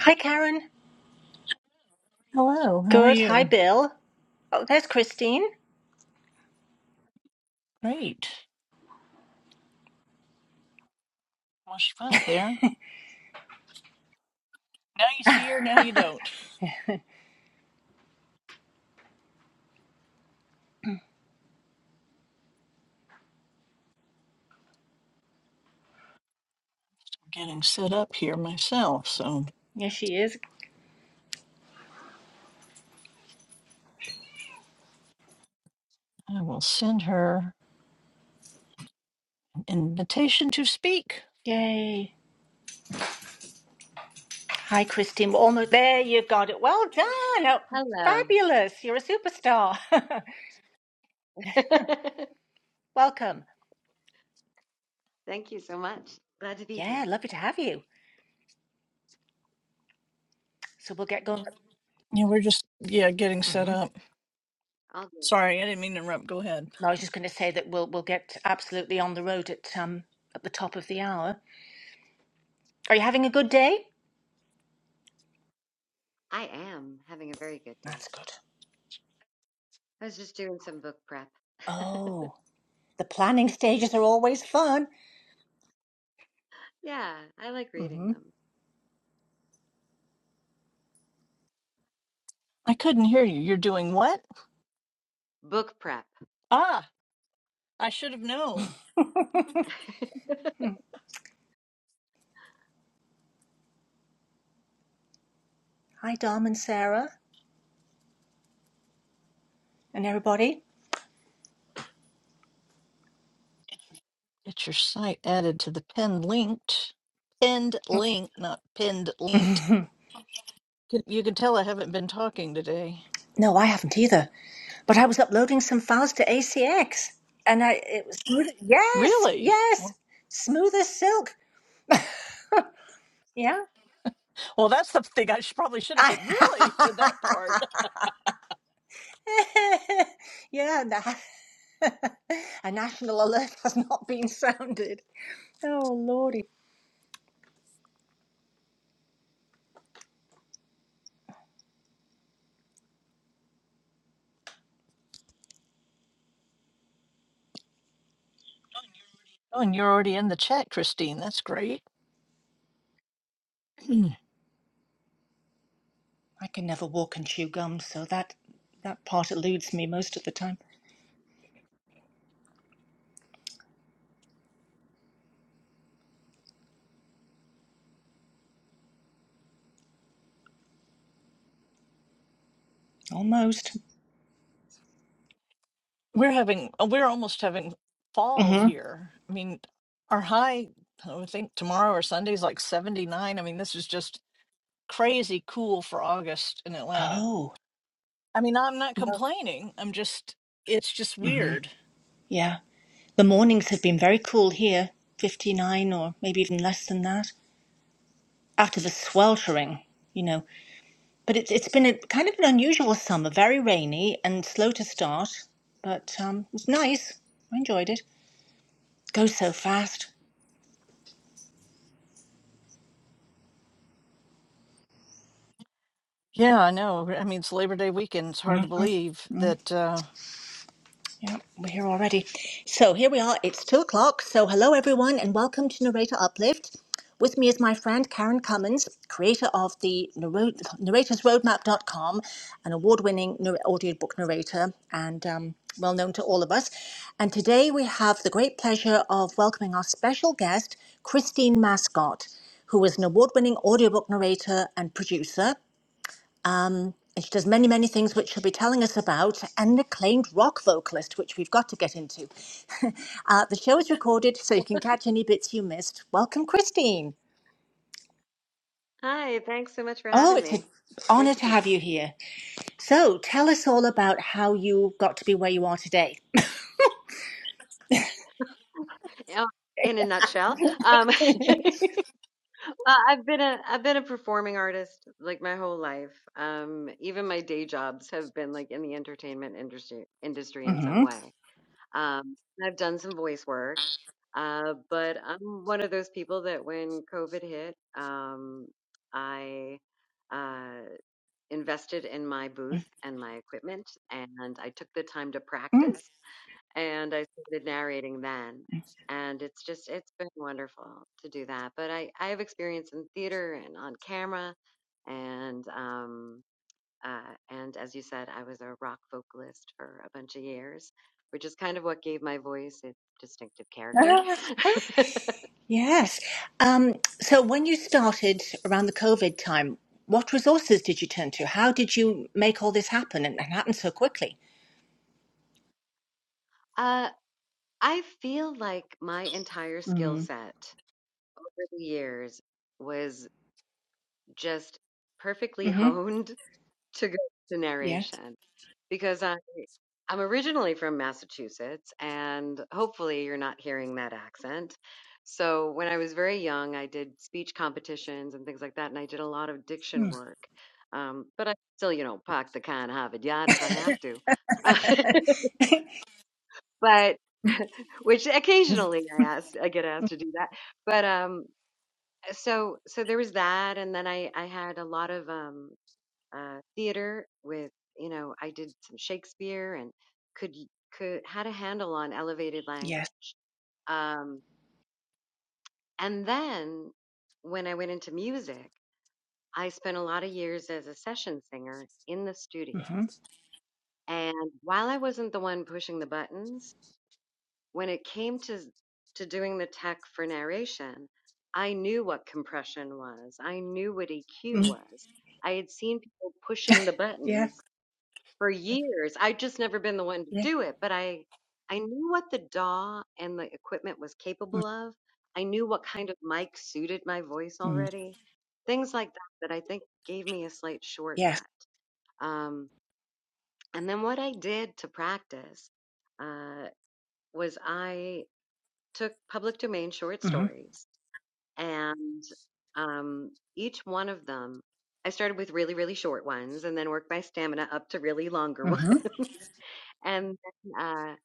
Hi, Karen. Hello, how are Good. Hi, you? Bill. Oh, there's Christine. Great. Well, she was there. Now you see her, now you don't. I'm getting set up here myself, so Yes, she is. I will send her an invitation to speak. Yay. Hi, Christine. We're almost there. You got it. Well done. Oh, Hello. fabulous. You're a superstar. Welcome. Thank you so much. Glad to be here. Yeah, lovely to have you. So we'll get going. Yeah, we're just, yeah, getting set hmm up. All good. Sorry, I didn't mean to interrupt. Go ahead. No, I was just going to say that we'll we'll get absolutely on the road at um at the top of the hour. Are you having a good day? I am having a very good day. That's good. I was just doing some book prep. Oh, the planning stages are always fun. yeah, I like reading Mm-hmm. them. I couldn't hear you. You're doing what? Book prep. Ah, I should have known. hmm Hi, Dom and Sarah and everybody. Get your site added to the pinned linked. Pinned link, not pinned linked. You you can tell I haven't been talking today. No, I haven't either. But I was uploading some files to ACX, and I it was smooth. Yes, Really? yes, smooth as silk. Yeah. Well, that's the thing I should, probably should have I, said, really, to that part. yeah. na- a national alert has not been sounded. Oh lordy, Oh, and you're already in the chat, Christine. That's great. Mm. I can never walk and chew gum, so that that part eludes me most of the time. Almost. we're having, uh, we're almost having fall hmm here. I mean, our high, I would think tomorrow or Sunday's like 79. I mean, this is just crazy cool for August in Atlanta. Oh, I mean, I'm not complaining. I'm just, it's just weird. yeah. The mornings have been very cool here. Fifty nine, or maybe even less than that. out of a sweltering, you know. But it's it's been a kind of an unusual summer, very rainy and slow to start, but um, it's nice. I enjoyed it. It Goes so fast. Yeah, I know. I mean, it's Labor Day weekend. It's hard Mm. to believe that uh, Yeah, we're here already. So here we are. It's two o'clock. So hello, everyone, and welcome to Narrator Uplift. With me is my friend Karen Cummins, creator of the narro- narratorsroadmap.com, an award-winning nar- audiobook narrator and um, well known to all of us. And today we have the great pleasure of welcoming our special guest, Christine Mascott, who is an award-winning audiobook narrator and producer. And she does many, many things which she'll be telling us about, and an acclaimed rock vocalist, which we've got to get into. uh, the show is recorded, so you can catch any bits you missed. Welcome, Christine. Hi, thanks so much for Oh, having it's an me. Great honor to to be have here. you here. So tell us all about how you got to be where you are today. Yeah, In a nutshell, um, Uh, I've been a I've been a performing artist like my whole life. Um, even my day jobs have been like in the entertainment industry industry in some hmm way. Um, I've done some voice work, uh, but I'm one of those people that when COVID hit, um, I uh, invested in my booth and my equipment, and I took the time to practice, and I started narrating then. And it's just, it's been wonderful to do that. But I, I have experience in theater and on camera, and um, uh, and as you said, I was a rock vocalist for a bunch of years, which is kind of what gave my voice its distinctive character. Yes. Um, so when you started around the COVID time, what resources did you turn to? How did you make all this happen and, and happen so quickly? uh, I feel like my entire skill Mm-hmm. set over the years was just perfectly honed to go to Yeah. narration. because I, I'm originally from Massachusetts, and hopefully you're not hearing that accent. So when I was very young, I did speech competitions and things like that, and I did a lot of diction work. Um, but I still, you know, park the car and have it yard if I have to. but which Mhm. occasionally I ask, I get asked to do that. But um, so so there was that, and then I I had a lot of um uh, theater with you know I did some Shakespeare and could could had a handle on elevated Yes. language. Um, and then when I went into music, I spent a lot of years as a session singer in the studio. Mm-hmm. And while I wasn't the one pushing the buttons, when it came to to doing the tech for narration, I knew what compression was. I knew what EQ Mm-hmm. was. I had seen people pushing the Yeah. buttons for years. I've just never been the one to Yeah. do it, but I I knew what the DAW and the equipment was capable of. I knew what kind of mic suited my voice Mm-hmm. already. Things like that that I think gave me a slight Yes. shortcut. Um, and then what I did to practice uh, was I took public domain short Mm-hmm. stories and um, each one of them I started with really, really short ones and then worked my stamina up to really longer Mm-hmm. ones. And then, uh,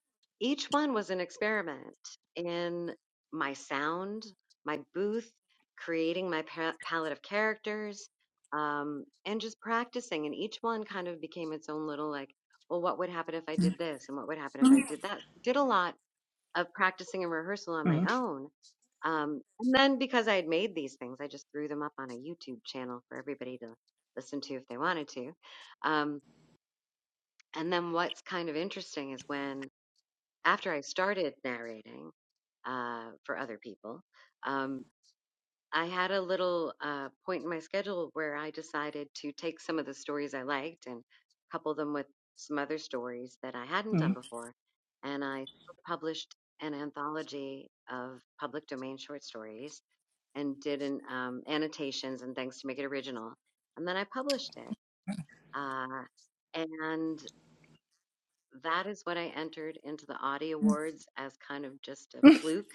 each one was an experiment in my sound, my booth, creating my pa- palette of characters, um, and just practicing. And each one kind of became its own little like, well, what would happen if I did this? And what would happen if I Mm-hmm. did that? So, Did a lot of practicing and rehearsal on my Mm-hmm. own. Um, and then because I had made these things, I just threw them up on a YouTube channel for everybody to listen to if they wanted to. Um, and then what's kind of interesting is when after I started narrating uh, for other people, um, I had a little uh, point in my schedule where I decided to take some of the stories I liked and couple them with some other stories that I hadn't done Mm-hmm. before. And I published an anthology of public domain short stories and did an, um, annotations and things to make it original. And then I published it. Uh, and that is what I entered into the Audi Awards as kind of just a fluke,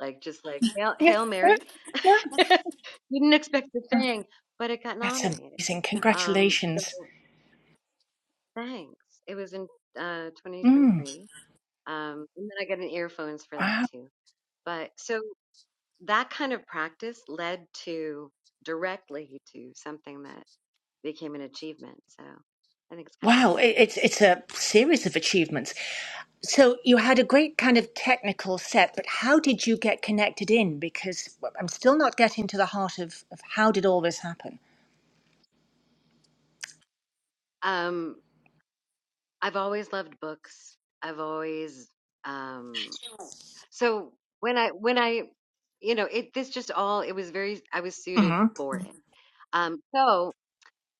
like just like Hail, Yeah. Hail Yeah. Mary. Yeah. Didn't expect the thing, but it got That's nominated. amazing. Um, so Congratulations. thanks. It was in uh, Mm. 2023. Um, and then I got an earphones for that Wow. too. But so that kind of practice led to directly to something that became an achievement. So I think it's kind of Wow. relevant. It, it's it's a series of achievements. So you had a great kind of technical set, but how did you get connected in? Because well, I'm still not getting to the heart of, of how did all this happen. Um, I've always loved books. I've always um so when I when I you know, it this just all it was very I was suited Mm-hmm. for it. Um so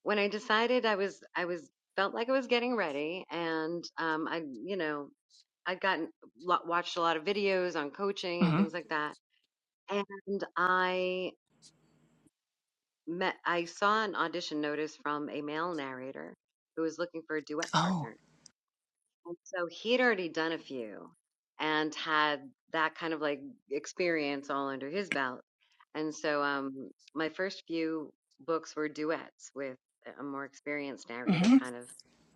when I decided I was I was felt like I was getting ready and um I you know, I'd gotten lot, watched a lot of videos on coaching and Mm-hmm. things like that. And I met I saw an audition notice from a male narrator who was looking for a duet Oh. partner And so he'd already done a few and had that kind of like experience all under his belt. And so um, my first few books were duets with a more experienced narrator Mm-hmm. kind of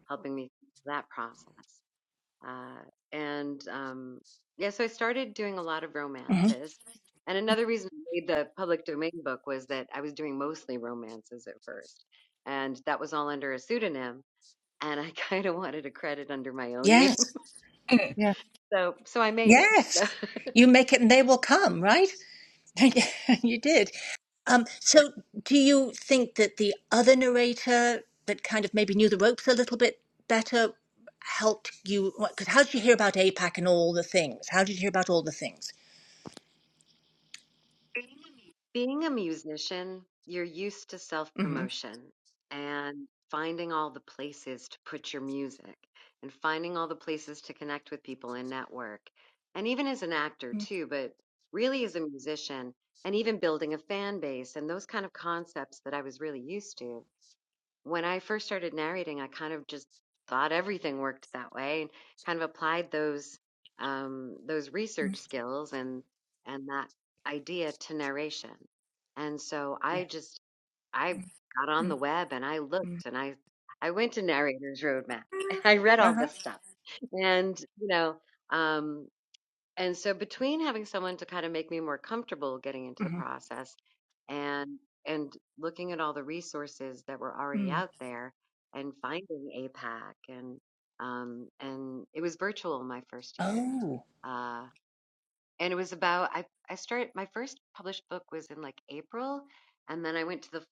helping me through that process. Uh, and um, yeah, so I started doing a lot of Mm-hmm. romances. And another reason I made the public domain book was that I was doing mostly romances at first. And that was all under a pseudonym and I kind of wanted a credit under my own name. Yes. So, so I made it. Yes, you make it and they will come, right? you did. Um, so, do you think that the other narrator that kind of maybe knew the ropes a little bit better helped you? Because how did you hear about APAC and all the things? How did you hear about all the things? Being a musician, you're used to self Mm-hmm. promotion and finding all the places to put your music and finding all the places to connect with people and network. And even as an actor, too, but really as a musician and even building a fan base and those kind of concepts that I was really used to. when I first started narrating, I kind of just thought everything worked that way and kind of applied those um, those research skills and and that idea to narration. And so Yeah. I just I got on the Mm-hmm. web and I looked and I I went to Narrator's Roadmap. I read Uh all huh. this stuff and you know um, and so between having someone to kind of make me more comfortable getting into the process and and looking at all the resources that were already Mm-hmm. out there and finding APAC and um and it was virtual my first year. Oh, Uh and it was about I I started my first published book was in like April and then I went to the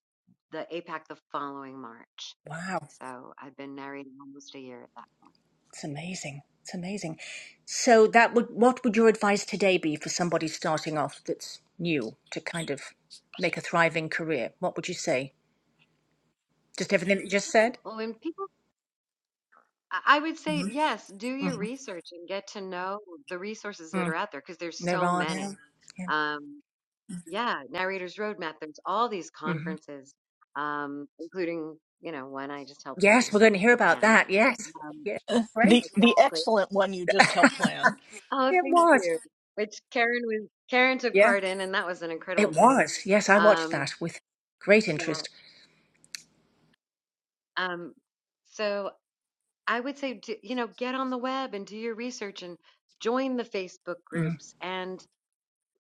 the APAC the following March. wow. So I've been narrating almost a year at that point. It's amazing. It's amazing. So that would what would your advice today be for somebody starting off that's new to kind of make a thriving career? What would you say? Just everything that you just said? Well, when people I I would say yes, do your Mm-hmm. research and get to know the resources that Mm. are out there because there's There so are. many. Yeah. yeah. Um, yeah, Narrator's Roadmap, there's all these hmm conferences, um, including, you know, one I just helped Yes, we're plan going to hear for about PANA. that. Yes. Um, Yeah. the Great. the exactly. excellent one you just helped plan Oh, it thank was. you. Which Karen was, Karen took Yeah. part in, and that was an It incredible panel. was. Yes, I watched Um, that with great yeah. interest. Um, so I would say, do, you know, get on the web and do your research and join the Facebook Mm. groups and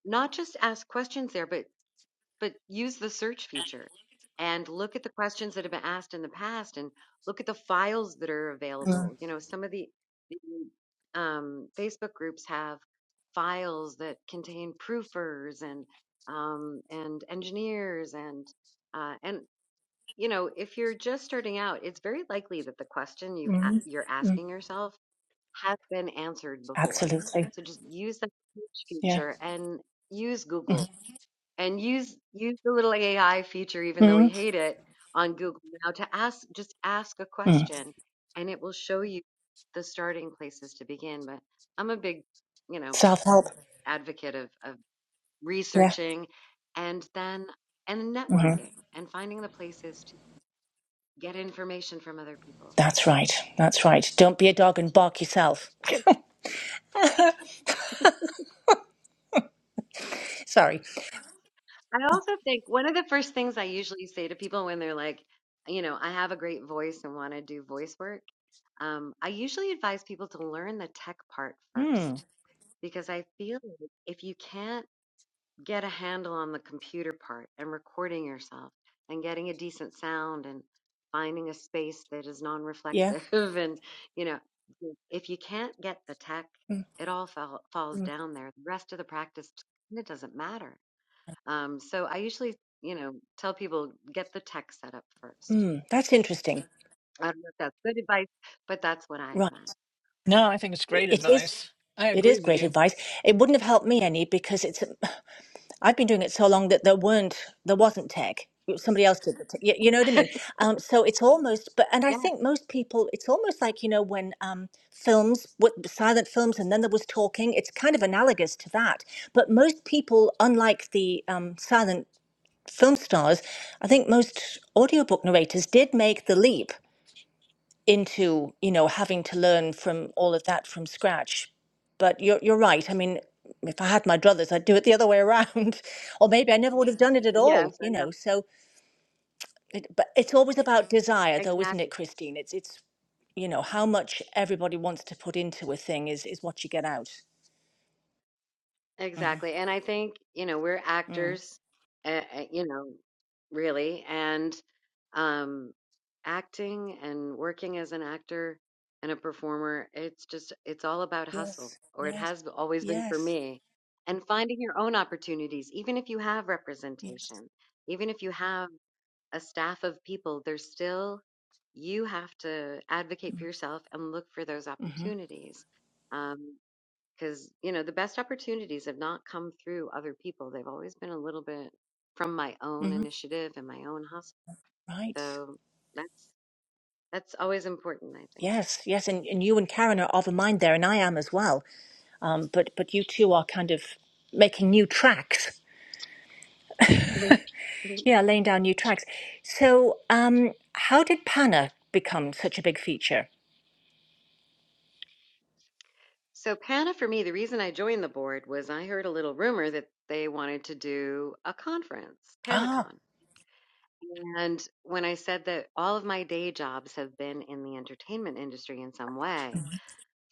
not just ask questions there, but but use the search feature and look at the questions that have been asked in the past and look at the files that are Mm. available. You know, some of the, the um, Facebook groups have files that contain proofers and um, and engineers and uh, and you know, if you're just starting out, it's very likely that the question you've a- Mm. you're Mm. asking yourself has been answered before. Absolutely. So just use the search Yeah. feature and use mm Google and use use the little AI feature, even though we Mm. hate it, on Google Now to ask just ask a Mm. question, and it will show you the starting places to begin. But I'm a big, you know, Self help. advocate of of Yeah. researching, and then and Mm-hmm. networking and finding the places to get information from other people. That's right. That's right. Don't be a dog and bark yourself. Sorry. I also think one of the first things I usually say to people when they're like, you know, I have a great voice and want to do voice work, um, I usually advise people to learn the tech part Hmm. first because I feel like if you can't get a handle on the computer part and recording yourself and getting a decent sound and finding a space that is non Yeah. reflective, and, you know, if you can't get the tech, Hmm. it all fall, falls Hmm. down there. The rest of the practice, it doesn't matter um, so I usually, you know, tell people get the tech set up first. Hmm. That's interesting. I don't know if that's good advice, but that's what I Right. advise. No, I think it's great It is. advice. I It agree is with great you. advice. It wouldn't have helped me any because it's. I've been doing it so long that there weren't. There wasn't tech. Somebody else did the tech. You, you know what I mean? Um, so it's almost. But and I think Yes. most people. It's almost like you know when um, films, what silent films, and then there was talking. It's kind of analogous to that. But most people, unlike the um, silent film stars, I think most audiobook narrators did make the leap into, you know, having to learn from all of that from scratch. But you're, you're right. I mean, if I had my druthers, I'd do it the other way around. or maybe I never would have done it at all, Yes, I you know. know. So, it, but it's always about desire, though, isn't it, Exactly. Christine? It's, it's, you know, how much everybody wants to put into a thing is, is what you get out. hmm Exactly. And I think, you know, we're Mm. actors, uh, uh, you know, really, and um acting and working as an actor and a performer, it's just it's all about hustle, Yes, or it yes, has always been for yes, me. And finding your own opportunities, even if you have yes. representation, even if you have a staff of people, there's still, you have to advocate for yourself and look for those Mm-hmm. opportunities. Um, because, you know, the best opportunities have not come through other people. They've always been a little bit from my own Mm-hmm. initiative and my own hustle. Right. So that's, that's always important, I think. Yes, yes, and, and you and Karen are of a mind there, and I am as well. Um, but but you two are kind of making new tracks. Mhm. Yeah, laying down new tracks. So, um, how did Panna become such a big feature? So PANA for me, the reason I joined the board was I heard a little rumor that they wanted to do a conference, Ah, PanaCon And when I said that all of my day jobs have been in the entertainment industry in some way,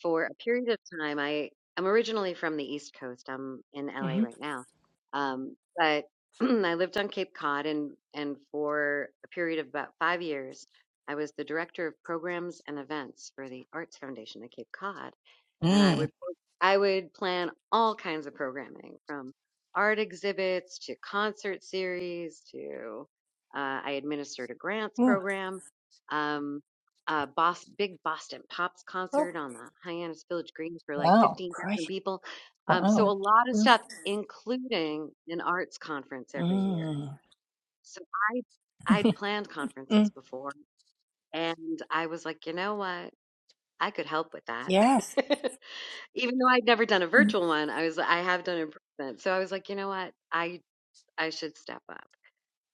for a period of time, I am originally from the East Coast. I'm in LA mm-hmm. right now. Um, but I lived on Cape Cod and, and for a period of about five years, I was the director of programs and events for the Arts Foundation of Cape Cod and I Mm, would I would plan all kinds of programming from art exhibits to concert series to uh, I administered a grants Ooh. program, um, a Bos- big Boston Pops oh, concert on the Hyannis Village Green for like wow. fifteen thousand great. people. Um, so a Wow. Mm. lot of Mm. stuff, including an arts conference every year. Mm. So I I'd planned conferences Mm. before, and I was like, you know what, I could help with Yes. that. even though I'd never done a Mm. virtual one, I was I have done in person. So I was like, you know what? I I should step up.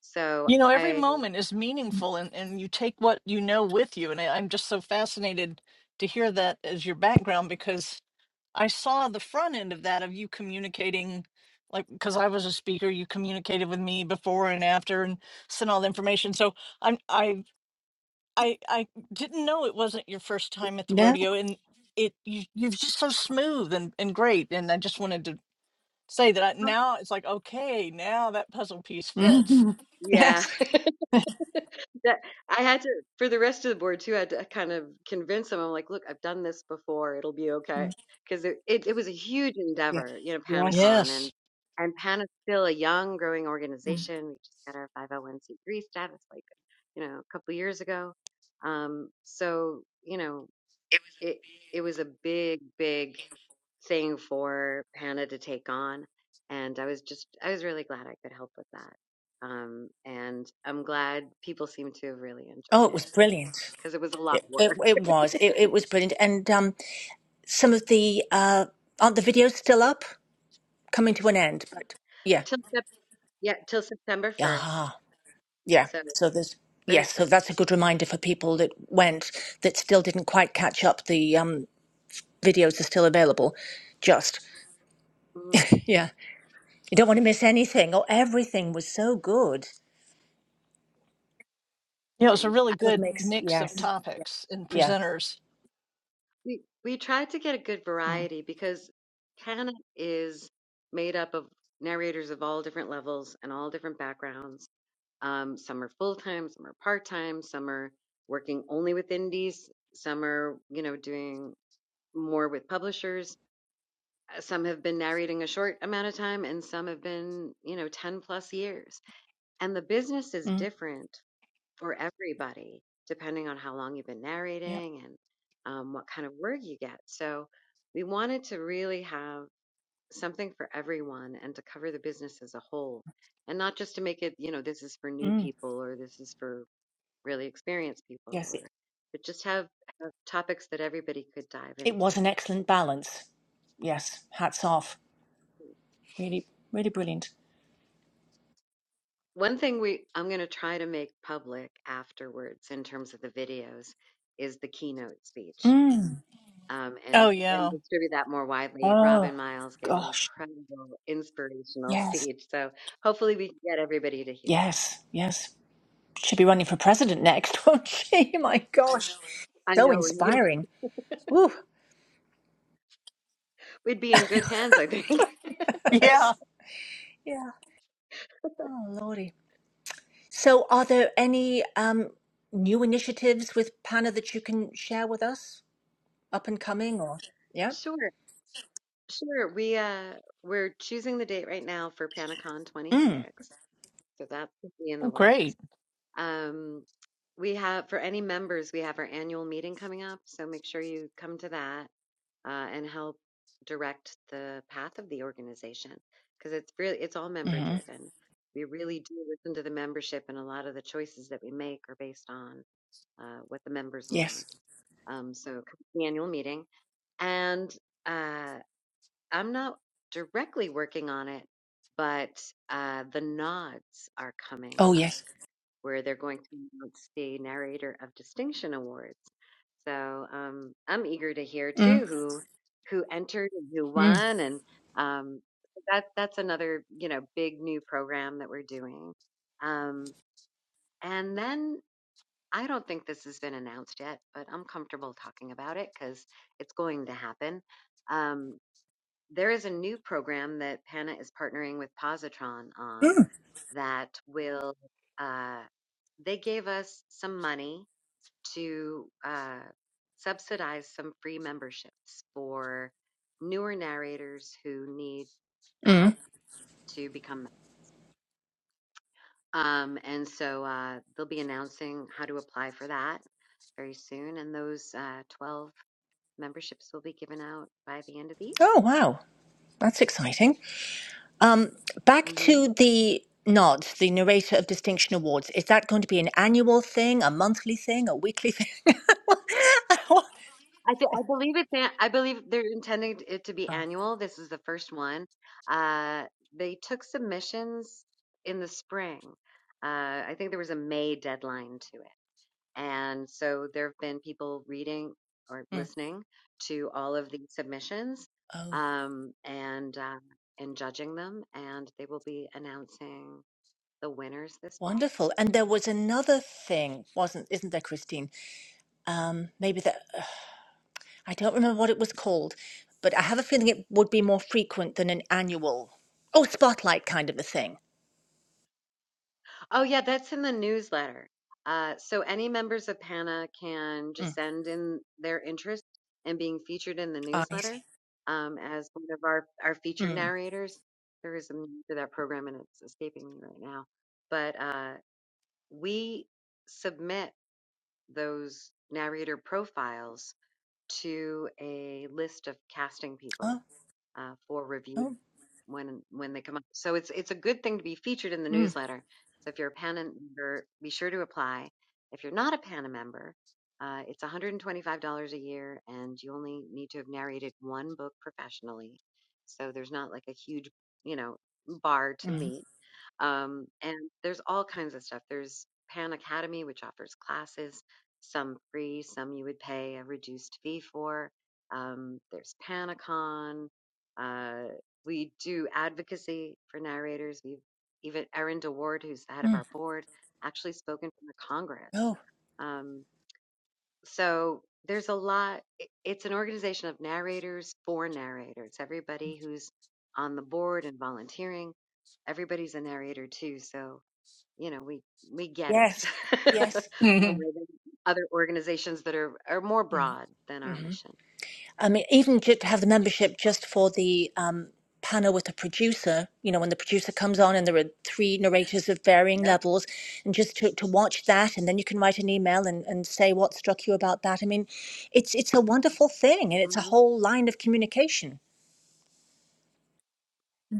So You know, every I moment is meaningful and, and you take what you know with you. And I, I'm just so fascinated to hear that as your background because I saw the front end of that of you communicating, like, because I was a speaker, you communicated with me before and after and sent all the information. So I'm, I, I, I didn't know it wasn't your first time at the No. rodeo and it, you, you're just so smooth and, and great. And I just wanted to say that I, now it's like okay now that puzzle piece fits Mm. yeah, Yes. That- I had to for the rest of the board too. I had to kind of convince them. I'm like, look, I've done this before. It'll be okay Mm. because it, it it was a huge Yeah. endeavor, you know, Yes. Panacon and yes and Pan is still a young, growing Mm. organization. We just got our 501c3 status like you know a couple years ago. Um, so you know it it was a big big thing for Hannah to take on and I was just I was really glad I could help with that um and I'm glad people seem to have really Oh, enjoyed it was it brilliant. because it was a lot It, of it, work it was. It, it was brilliant. And um, some of the uh aren't the videos still up coming to an end but yeah till Sep- yeah till September 1st aha yeah so so there's very yes so quick that's a good reminder for people that went that still didn't quite catch up the um videos are still available just Mhm. yeah you don't want to miss anything oh everything was so good you know it's a thanks really I good good mix mix of yes topics and yeah presenters we we tried to get a good mm, variety because Hannah is made up of narrators of all different levels and all different backgrounds Um, some are full time, some are part time, some are working only with indies, some are, you know, doing more with publishers. Uh, Some have been narrating a short amount of time, and some have been, you know, 10 plus years. And the business is mm, different for everybody, depending on how long you've been yeah narrating and um, what kind of work you get. So we wanted to really have something for everyone and to cover the business as a whole and not just to make it you know this is for new mm, people or this is for really experienced people yes it, or but just have, have topics that everybody could dive it into was an excellent balance yes hats off really really brilliant one thing we i'm going to try to make public afterwards in terms of the videos is the keynote speech mm. um, and oh and yeah distribute that more widely oh robin miles gave an gosh incredible inspirational Yes, speech so hopefully we can get everybody to hear that yes, yes. She'll be running for president next, won't she? My gosh, i so know we're, you know, inspiring. Woo. we'd be in good hands i think yeah Yes. Yeah. Oh, lordy. So, are there any um, new initiatives with Pana that you can share with us? Up and coming, or yeah? sure sure we uh we're choosing the date right now for panacon Mm. 26 So that will be in the works. great Um, we have, for any members, we have our annual meeting coming up. So make sure you come to that uh, and help direct the path of the organization because it's really, it's all member Mm-hmm. driven. We really do listen to the membership, and a lot of the choices that we make are based on uh, what the members want. Yes. Um, so, come to the annual meeting. And uh, I'm not directly working on it, but uh, the nods are coming Oh, up yes. where they're going to announce the narrator of distinction awards. So um, I'm eager to hear Mm. too who who entered and who Mm. won, and um, that that's another you know big new program that we're doing. Um, and then I don't think this has been announced yet, but I'm comfortable talking about it because it's going to happen. Um, there is a new program that Pana is partnering with Positron on Mm. that will, uh, they gave us some money to uh, subsidize some free memberships for newer narrators who need the Mm. help to become. Um, and so uh, they'll be announcing how to apply for that very soon. And those uh, 12 memberships will be given out by the end of the year. Oh, wow. That's exciting. Um, back Mm-hmm. to the nod, the narrator of distinction awards. Is that going to be an annual thing, a monthly thing, a weekly thing? oh, I thi- I believe it's an- I believe they're intending it to be annual. This is the first one. Uh, they took submissions in the spring. Uh, I think there was a May deadline to it, and so there have been people reading or mm. listening to all of the submissions, oh, um, and uh, and judging them, and they will be announcing the winners this fall. wonderful! And there was another thing, wasn't? Isn't there, Christine? Um, maybe that I don't remember what it was called, but I have a feeling it would be more frequent than an annual. Oh, spotlight kind of a thing. Oh yeah, that's in the newsletter. Uh, so any members of PANA can Mm. just send in their interest in being featured in the I see. newsletter um, as one of our, our featured Mm. narrators. There is a name for that program and it's escaping me right now. But uh, we submit those narrator profiles to a list of casting people Oh, uh, for review oh, when when they come up. So it's it's a good thing to be featured in the mm, newsletter. So if you're a PANA member, be sure to apply. If you're not a PANA member, uh, it's $125 a year, and you only need to have narrated one book professionally. So there's not like a huge, you know, bar to mm, meet. Um, and there's all kinds of stuff. There's Pan Academy, which offers classes, some free, some you would pay a reduced fee for. Um, there's Panicon. We do advocacy for narrators. We've even Erin DeWard, who's the head of mm. our board, actually spoken for Congress. oh, Um, so there's a lot. it- It's an organization of narrators for narrators. Everybody who's on the board and volunteering, everybody's a narrator too. So you know we we get it yes, yes. more hmm than other organizations that are are more Mm. broad than our mission. I mean, even ju- to have the membership just for the um, panel with the producer, you know, when the producer comes on and there are three narrators of varying Yep. levels, and just to, to watch that, and then you can write an email and, and say what struck you about that. I mean, it's it's a wonderful thing, and it's a Mhm. whole line of communication.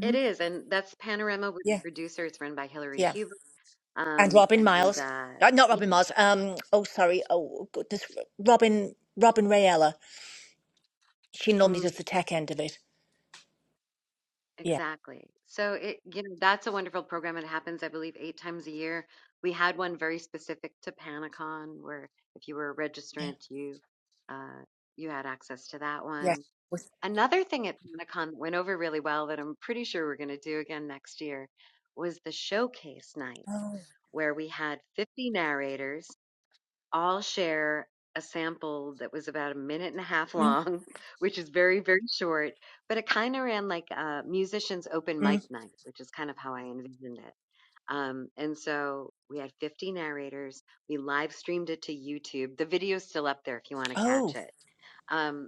It is, and that's Panorama with the Yeah, producer. It's run by Hillary yeah. Huber. And Um, Robin and Miles, uh, uh, not yeah, Robin Miles. Um, oh, sorry. Oh, goodness, Robin Robin Rayella. She normally does mm, the tech end of it. Yeah, exactly. So it, you know, that's a wonderful program. It happens, I believe, eight times a year. We had one very specific to Panicon, where if you were a yeah, registrant, you uh, you had access to that yeah. one. With- Another thing at Panicon that went over really well that I'm pretty sure we're going to do again next year was the showcase night, oh. where we had 50 narrators. I'll share a sample that was about a minute and a half Mm. long, which is very, very short, but it kind of ran like a musician's open mic Mm. night, which is kind of how I envisioned it. Um, and so we had 50 narrators. We live streamed it to YouTube. The video's still up there if you want to Oh. catch it. Um,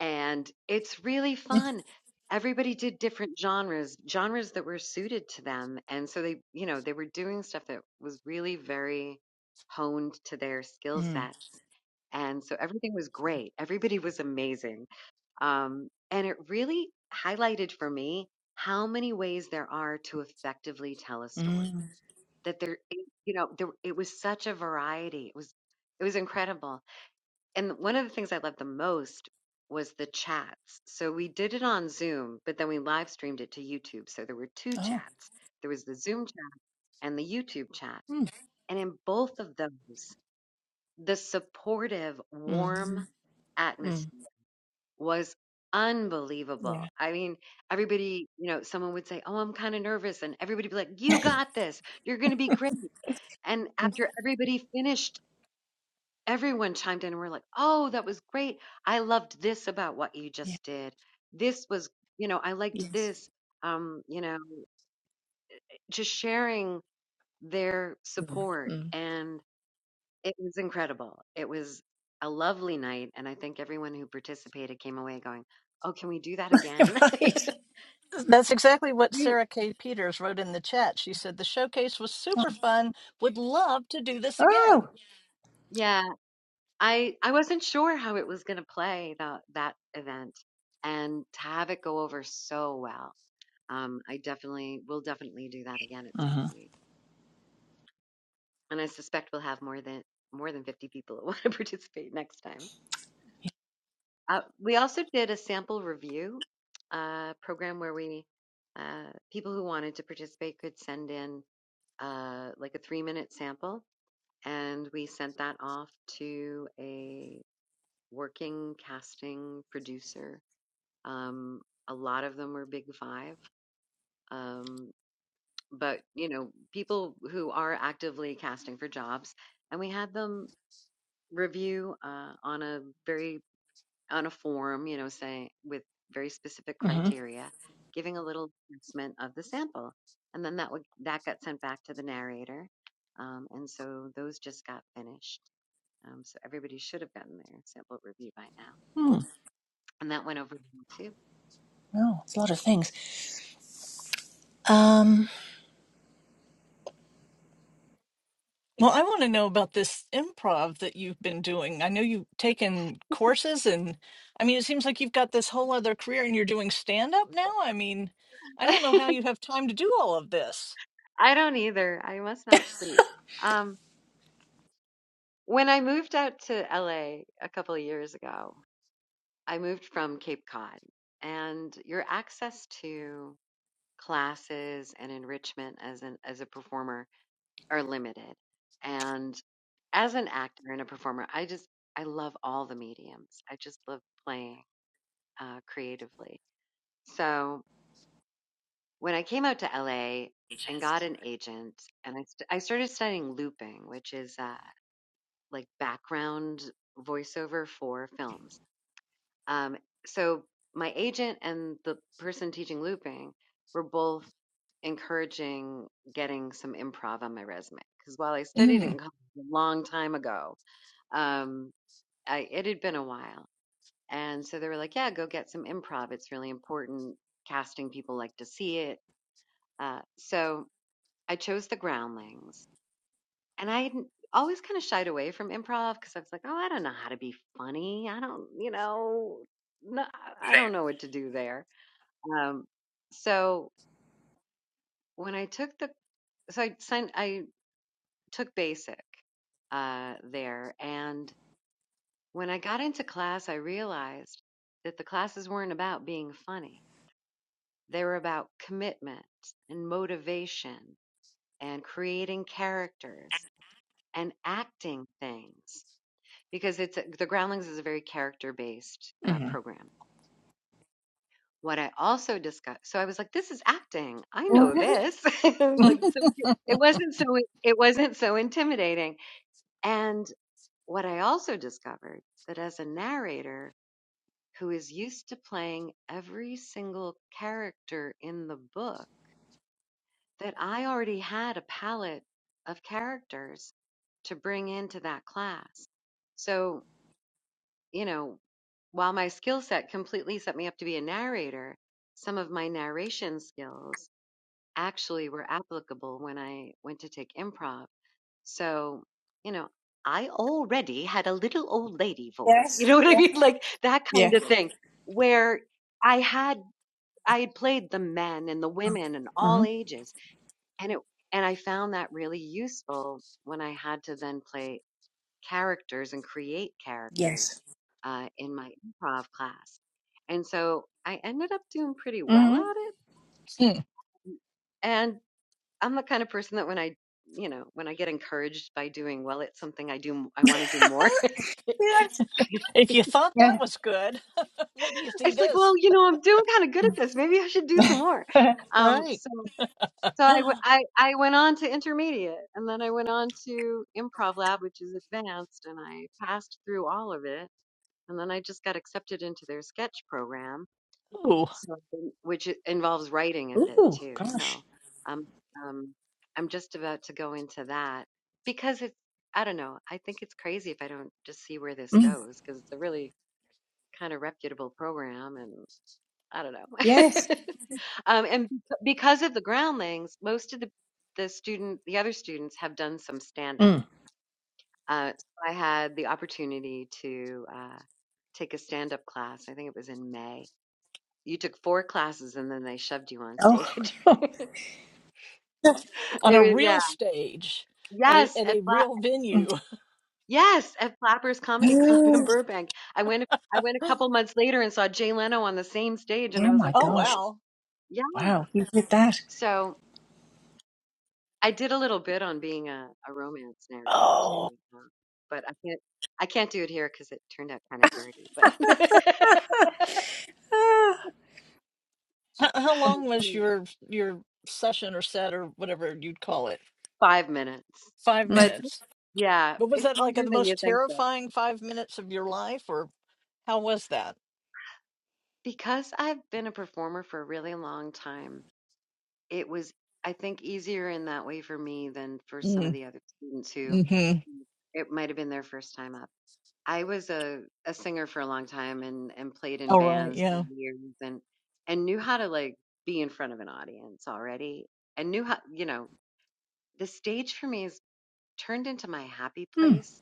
and it's really fun. Everybody did different genres, genres that were suited to them. And so they, you know, they were doing stuff that was really very honed to their skill Mm. sets. And so everything was great. Everybody was amazing. Um, and it really highlighted for me how many ways there are to effectively tell a story. Mm. That there, you know, there, it was such a variety. It was, it was incredible. And one of the things I loved the most was the chats. So we did it on Zoom, but then we live streamed it to YouTube. So there were two Oh. chats. There was the Zoom chat and the YouTube chat. Mm. And in both of those, the supportive, Mm. warm Mm. atmosphere was unbelievable. Yeah. I mean, everybody, you know, someone would say, Oh, I'm kind of nervous. And everybody would be like, You got this. You're going to be great. And after everybody finished, everyone chimed in and we're like, oh, that was great. I loved this about what you Yeah. just did. This was, you know, I liked Yes. this. Um, you know, just sharing their Mm. support. Mm. And it was incredible. It was a lovely night. And I think everyone who participated came away going, oh, can we do that again? right. that's exactly what Re- sarah k peters wrote in the chat she said the showcase was super fun would love to do this Oh. again yeah. I, I wasn't sure how it was going to play that, that event and to have it go over so well Um, I definitely will definitely do that again at some point. And I suspect we'll have more than more than 50 people that want to participate next time. Uh, we also did a sample review uh, program where we uh, people who wanted to participate could send in uh, like a three minute sample, and we sent that off to a working casting producer. Um, a lot of them were Big Five, um, but you know people who are actively casting for jobs and we had them review uh, on a very on a form you know saying with very specific Mm-hmm. criteria giving a little assessment of the sample and then that would that got sent back to the narrator um, and so those just got finished um, so everybody should have gotten their sample review by now Mm. and that went over well, No, it's a lot of things. Um. Well, I want to know about this improv that you've been doing. I know you've taken courses, and I mean, it seems like you've got this whole other career and you're doing stand up now. I mean, I don't know too how you have time to do all of this. i don't either i must not sleep um, When I moved out to LA a a couple of years ago, I moved from Cape Cod, and your access to classes and enrichment as an as a performer are limited. And as an actor and a performer, I just I love all the mediums. I just love playing uh, creatively. So when I came out to LA and got an agent, and I st- I started studying looping, which is uh, like background voiceover for films Um, so my agent and the person teaching looping were both encouraging getting some improv on my resume because while I studied Mm. in college a long time ago, um, I, it had been a while, and so they were like, "Yeah, go get some improv. It's really important. Casting people like to see it." Uh, so I chose the Groundlings, and I had always kind of shied away from improv because I was like, "Oh, I don't know how to be funny. I don't, you know, no, I I don't know what to do there." Um, so when I took the, so I signed, I took basic uh, there, and when I got into class, I realized that the classes weren't about being funny. They were about commitment and motivation and creating characters and acting things because it's the Groundlings is a very character based uh, hmm program What I also discussed so I was like, "This is acting. I know this." Like, so it wasn't so it wasn't so intimidating. And what I also discovered that as a narrator who is used to playing every single character in the book, that I already had a palette of characters to bring into that class. So, you know, while my skill set completely set me up to be a narrator, some of my narration skills actually were applicable when I went to take improv. So, you know, I already had a little old lady voice. You Yes. know what I Yeah. mean? Like that kind Yeah. of thing where I had I had played the men and the women and all Mm-hmm. ages and it and I found that really useful when I had to then play characters and create Yes. characters uh, in my improv class. And so I ended up doing pretty well Mm-hmm. at it. And I'm the kind of person that when I, you know, when I get encouraged by doing well at something, I do, m- I want to do more. yes. if you thought that Yeah. was good, what do you see it's like, well, this? you know, I'm doing kind of good at this. Maybe I should do some more. Mm. Um, Right. so, so I, w- I, I went on to intermediate and then I went on to improv lab, which is advanced and I passed through all of it. And then I just got accepted into their sketch program Ooh, So, um, which i- involves writing a bit Ooh. too. So, Gosh. um, um, I'm just about to go into that because it's, I don't know, I think it's crazy if I don't just see where this Mm. goes because it's a really kind of reputable program and I don't know. Yes. um, and b- because of the groundlings, most of the, the student, the other students have done some stand up. Mm. Uh, so I had the opportunity to, uh, take a stand up class. I think it was in May you took four classes and then they shoved you on Oh. stage. it on a was, yeah. real stage at a, Yes, at at a Fla- real venue. yes, at Flappers Comedy Club in Mm. Oh Burbank. I went I went a couple months later and saw Jay Leno on the same stage and I oh was my like, Oh, gosh. "Whoa." wow. Yeah. Wow. You did that. So, I did a little bit on being a, a romance narrator too, Oh. you know, but I can't I can't do it here cuz it turned out kind of dirty, but Ah. How, how long was Anyway, your your session or set or whatever you'd call it? 5 minutes. Five Mm. But minutes. yeah, But was it's that like longer the than you most think though. terrifying five minutes of your life, or how was that? Because I've been a performer for a really long time, it was I think easier in that way for me than for some of Mm, the other students who mm-hmm. mm, it might have been their first time up. I was a, a singer for a long time and, and played in All right, bands for yeah. years and and knew how to like be in front of an audience already and knew how you know the stage for me is turned into my happy Mm. place.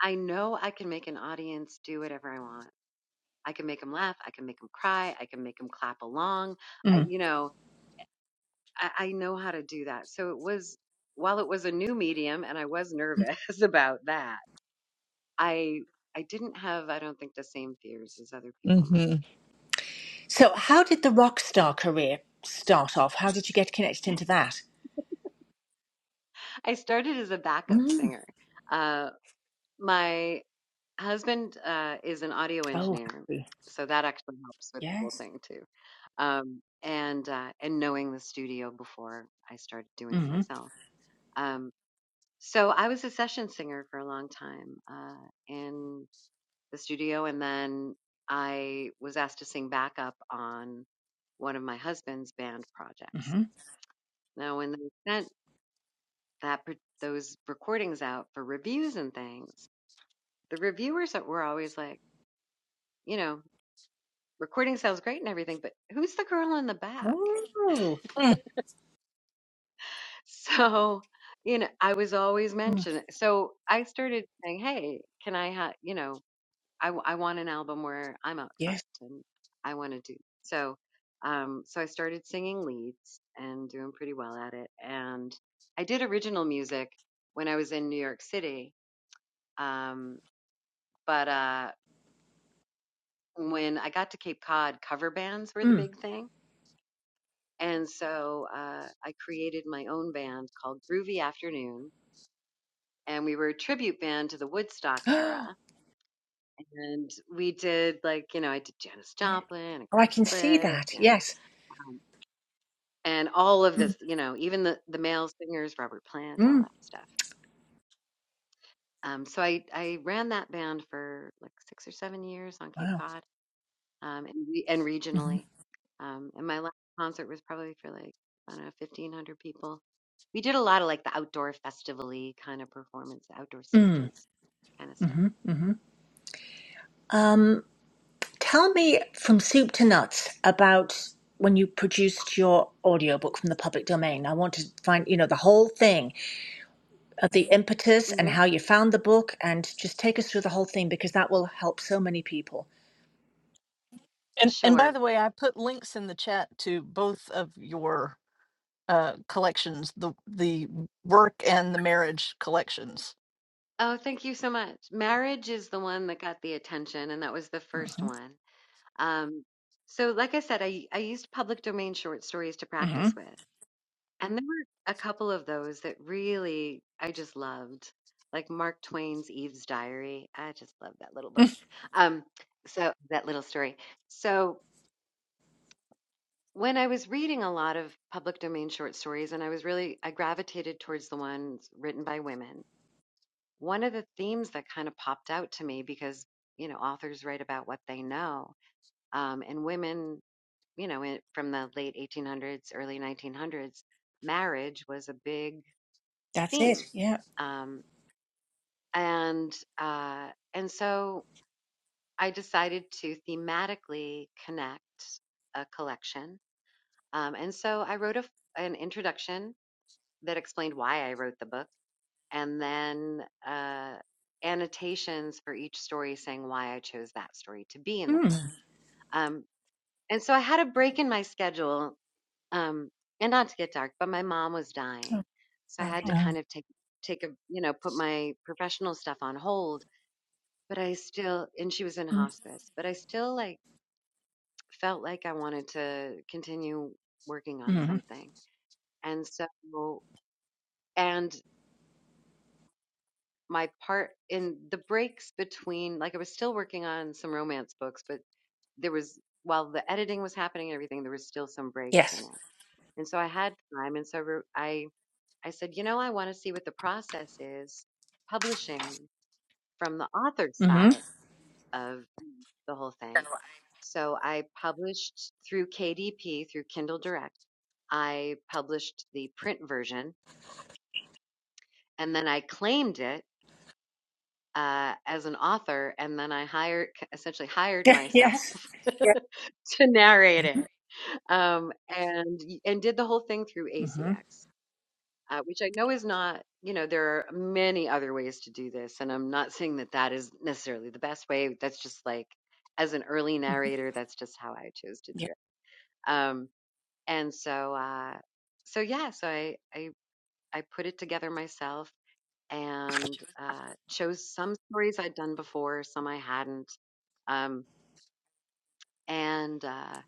I know I can make an audience do whatever I want. I can make them laugh. I can make them cry. I can make them clap along. Mm. I, you know, I, I know how to do that. So it was while it was a new medium and I was nervous about that, I I didn't have, I don't think, the same fears as other people might. Mm-hmm. So, how did the rock star career start off? How did you get connected into that? I started as a backup Mm. singer. Uh, my husband uh, is an audio Oh, engineer, happy. so that actually helps with the whole Yes. thing too. Um, and uh, and knowing the studio before I started doing it Mm. myself. Um, so I was a session singer for a long time, uh, and the studio. And then I was asked to sing backup on one of my husband's band projects. Mm-hmm. Now, when they sent that par- those recordings out for reviews and things, the reviewers that were always like, you know, recording sounds great and everything, but who's the girl in the back? Oh, Mm. So, you know, I was always mm. mentioned. So I started saying, hey, can I have, you know, I, w- I want an album where I'm out yeah. front and I want to do so. Um, so I started singing leads and doing pretty well at it. And I did original music when I was in New York City. Um, but uh, when I got to Cape Cod, cover bands were the Mm. big thing. And so uh, I created my own band called Groovy Afternoon. And we were a tribute band to the Woodstock era. Oh, And we did like, you know, I did Janis yeah. Joplin and Oh, I Grace can see Slick that. and Yes. um, and all of this, you know, even the the male singers, Robert Plant, all Mm. that stuff. Um, so I I ran that band for like six or seven years on Cape Wow. Cod, um, and, re- and regionally. Mm-hmm. Um, and my last concert was probably for like I don't know fifteen hundred people. We did a lot of like the outdoor festival-y kind of performance, outdoor Mm. stages, kind of stuff. Mm-hmm. Mm-hmm. Um, tell me from soup to nuts about when you produced your audiobook from the public domain. I want to find, you know, the whole thing of the impetus and hmm how you found the book and just take us through the whole thing because that will help so many people. And and by Sure. the way, I put links in the chat to both of your uh collections, the the work and the marriage collections. Oh, thank you so much. Marriage is the one that got the attention, and that was the first hmm one. Um, so, like I said, I, I used public domain short stories to hmm practice with. And there were a couple of those that really I just loved, like Mark Twain's Eve's Diary. I just love that little book. Um, so, that little story. So, when I was reading a lot of public domain short stories, and I was really, I gravitated towards the ones written by women, one of the themes that kind of popped out to me because, you know, authors write about what they know um, and women you know, in, from the late 1800s, early 1900s, marriage was a big That's it. theme. Yeah. Um, and, uh, and so I decided to thematically connect a collection. Um, and so I wrote a, f- an introduction that explained why I wrote the book and then, uh, annotations for each story saying why I chose that story to be in the book. Mm. Um, and so I had a break in my schedule Um, and not to get dark, but my mom was dying. Oh, So I sorry. had to Oh. kind of take take a you know, put my professional stuff on hold. But I still and she was in hospice, but I still like felt like I wanted to continue working on Mm-hmm. something. And so and my part in the breaks between like I was still working on some romance books, but there was while the editing was happening and everything, there was still some breaks in Yes. it. And so I had time, and so I wrote- I I said, you know, I want to see what the process is publishing from the author's hmm side of the whole thing. So I published through KDP, through Kindle Direct. I published the print version and then I claimed it uh, as an author. And then I hired, essentially hired myself yes. to narrate it um, and, and did the whole thing through hmm ACX. uh, which I know is not, you know, there are many other ways to do this. And I'm not saying that that is necessarily the best way. That's just like, as an early narrator, that's just how I chose to do Yeah. it. Um, and so, uh, so yeah, so I, I, I put it together myself and uh, chose some stories I'd done before, some I hadn't. Um, and uh,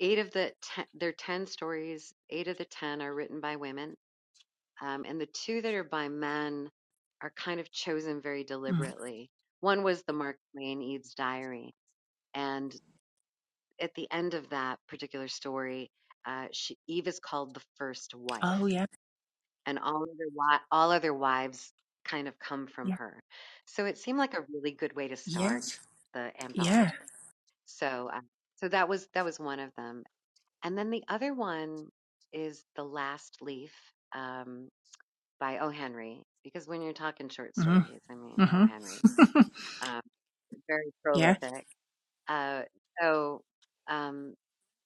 eight of the ten, there are 10 stories, eight of the 10 are written by women Um, and the two that are by men are kind of chosen very Mm. deliberately. One was the Mark Twain Eve's Diary, and at the end of that particular story, uh, she, Eve is called the first Oh, wife, yeah. and all other wi- all other wives kind of come from Yeah. her. So it seemed like a really good way to start Yes. the Yeah. anthology. So uh, so that was that was one of them, and then the other one is the Last Leaf. Um, by O. Henry because when you're talking short hmm stories, I mean O. hmm Henry, um, very Yeah. prolific. Uh, so um,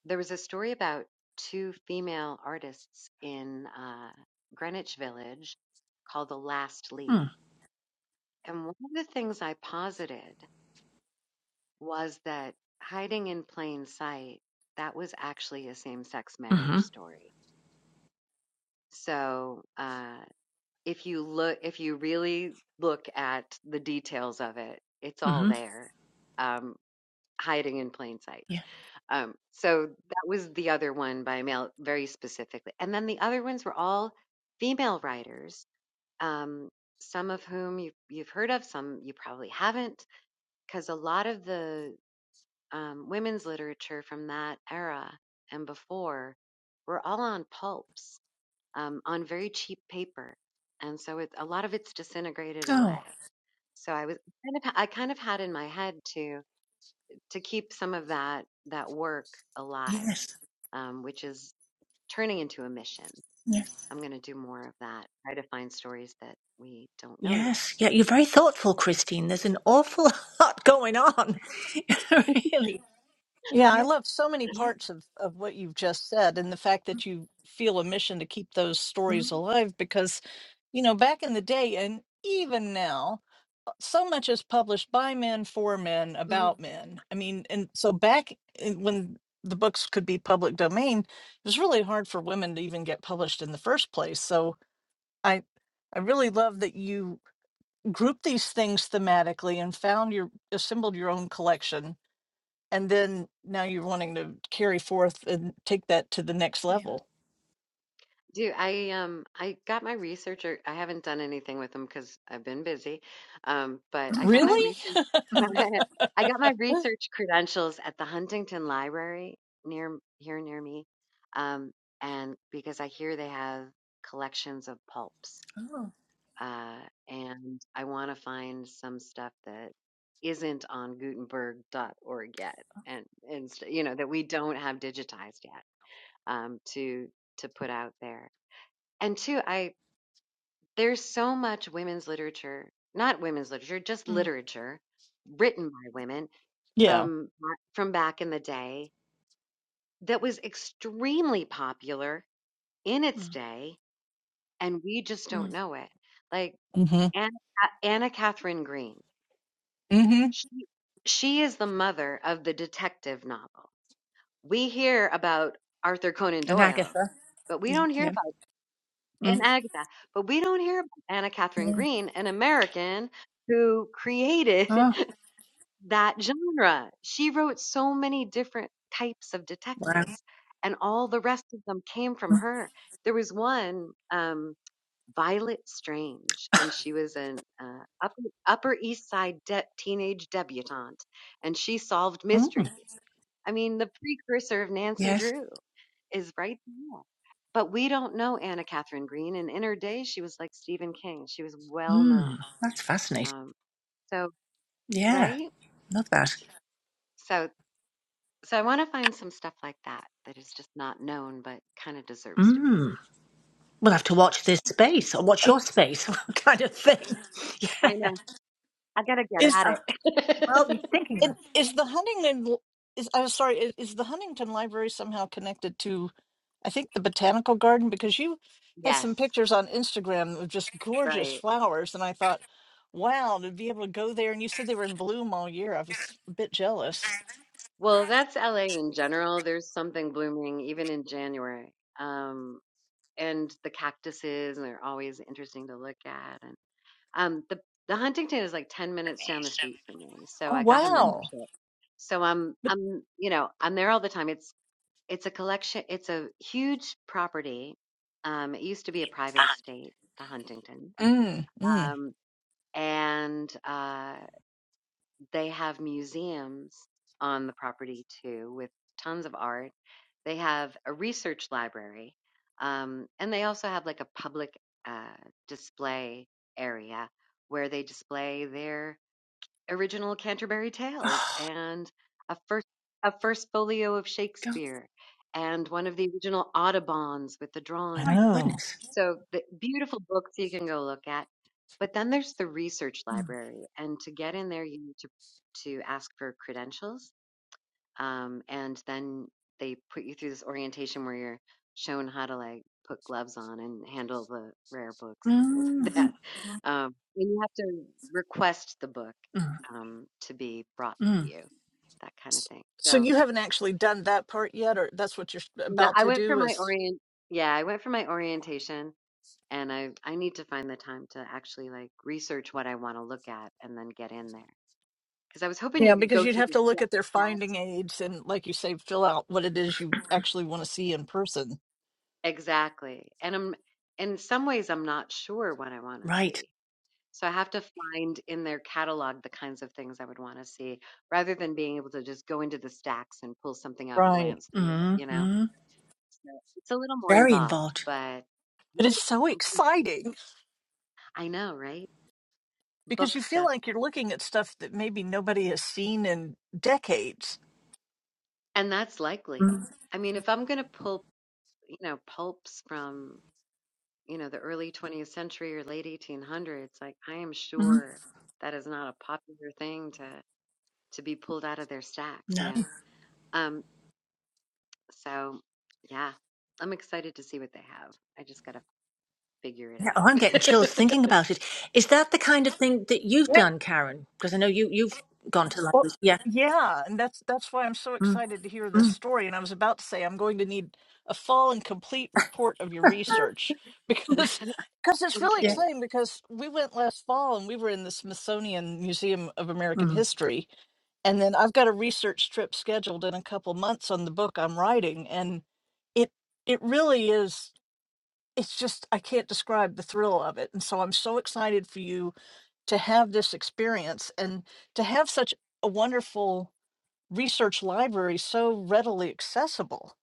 there was a story about two female artists in uh, Greenwich Village called The Last Leaf. Mm. And one of the things I posited was that hiding in plain sight, that was actually a same sex marriage hmm story. So, uh, if you look if you really look at the details of it it's all hmm there um hiding in plain sight Yeah. um so that was the other one by mail very specifically and then the other ones were all female writers um some of whom you've, you've heard of some you probably haven't because a lot of the um, women's literature from that era and before were all on pulps um, on very cheap paper, and so it, a lot of it's disintegrated away. Oh, So I was kind of I kind of had in my head to to keep some of that that work alive, yes. um, which is turning into a mission. Yeah. I'm going to do more of that. Try to find stories that we don't know yet Yes. Yeah. You're very thoughtful, Christine. There's an awful lot going on. really. Yeah, I Yeah. love so many Yeah. parts of of what you've just said, and the fact that you feel a mission to keep those stories Mm-hmm. alive because, you know, back in the day and even now so much is published by men for men Mm-hmm. about men. I mean, and so back in, when the books could be public domain, it was really hard for women to even get published in the first place. So I I really love that you grouped these things thematically and found your assembled your own collection and then now you're wanting to carry forth and take that to the next Yeah. level. Do I um I got my researcher. I haven't done anything with them because I've been busy. Um, but I got my Really? research. I got my research credentials at the Huntington Library near here near me, um, and because I hear they have collections of pulps, Mm, uh, and I want to find some stuff that isn't on Gutenberg. dot Org yet, and and s- you know that we don't have digitized yet um, to to put out there and two, I there's so much women's literature, not women's literature, just mm, literature written by women Yeah. from from back in the day that was extremely popular in its mm, day, and we just mm. don't know it. Like Mhm. Anna, Anna Catherine Green, Mhm. she she is the mother of the detective novel. We hear about Arthur Conan Doyle, Anagatha. but we Yeah. don't hear yeah. and Mm, Agatha. But we don't hear about Anna Catherine yeah. Green, an American who created Oh, that genre. She wrote so many different types of wow. detectives, and all the rest of them came from Mm, her. There was one. Um, Violet Strange, and she was an uh, upper, upper East Side de- teenage debutante, and she solved mm, mysteries. I mean, the precursor of Nancy yes. Drew is right there. But we don't know Anna Catherine Green, and in her day, she was like Stephen King. She was well known. Mm, that's fascinating. Um, so, Yeah, right? love that. So, so I want to find some stuff like that that is just not known, but kind of deserves to be. Mm. We'll have to watch this space or watch And your space kind of thing. Yeah. I know. I gotta get is at Uh, it. well, you're thinking And about it. is the Huntington is I'm sorry, is, is the Huntington Library somehow connected to I think the botanical garden because you had yes. some pictures on Instagram of just gorgeous Right. flowers and I thought, wow, to be able to go there and you said they were in bloom all year. I was a bit jealous. Well, that's LA in general. There's something blooming even in January. Um, and the cactuses, and they're always interesting to look at. And um, the the Huntington is like 10 minutes down the street from me. So Oh I got a Mm. wow. membership. So I'm But I'm you know, I'm there all the time. It's it's a collection, it's a huge property. Um, it used to be a private estate, the Huntington. mm, mm, Um, and uh they have museums on the property too with tons of art. They have a research library, um, and they also have like a public uh, display area where they display their original Canterbury Tales Oh, and a first a first folio of God, Shakespeare and one of the original Audubons with the I my drawings. know. goodness. So the beautiful books you can go look at. But then there's the research Mm, library, and to get in there, you need to to ask for credentials, um, and then they put you through this orientation where you're shown how to like put gloves on and handle the rare books and things like that. mm, Um, and you have to request the book mm, um, to be brought to mm. you, that kind of thing. So So you haven't actually done that part yet or that's what you're no, about I to went for do my is orient. Yeah, I went for my orientation and I I need to find the time to actually like research what I want to look at and then get in there because I was hoping yeah, you could because go you'd through have the to sta- look at their stats finding aids and, like you say, fill out what it is you actually want to see in person. exactly. And I'm in some ways I'm not sure what I want to Right. see, so I have to find in their catalog the kinds of things I would want to see rather than being able to just go into the stacks and pull something out and Right. glance through it. Mm, You know, mm. so it's a little more Very involved, involved. but I'm But it's so gonna- exciting I know, right? because Book you feel stuff, like you're looking at stuff that maybe nobody has seen in decades. and that's Mm, likely. I mean, if I'm going to pull you know, pulps from, you know, the early 20th century or late 1800s, like I am mm. sure that is not a popular thing to to be pulled out of their stacks, you know. Um so yeah, I'm excited to see what they have. I just got to figure it Yeah, oh, out. I'm getting chills thinking about it. Is that the kind of thing that you've Right. done, Karen? Because I know you you've gone to Well, London. Yeah. yeah, and that's that's why I'm so Mm, excited to hear this mm, story. And I was about to say I'm going to need a full and complete report of your research because because it's really yeah. okay. exciting because we went last fall and we were in the Smithsonian Museum of American Mm, History and then I've got a research trip scheduled in a couple months on the book I'm writing and it it really is it's just I can't describe the thrill of it. And so I'm so excited for you to have this experience and to have such a wonderful research library so readily accessible.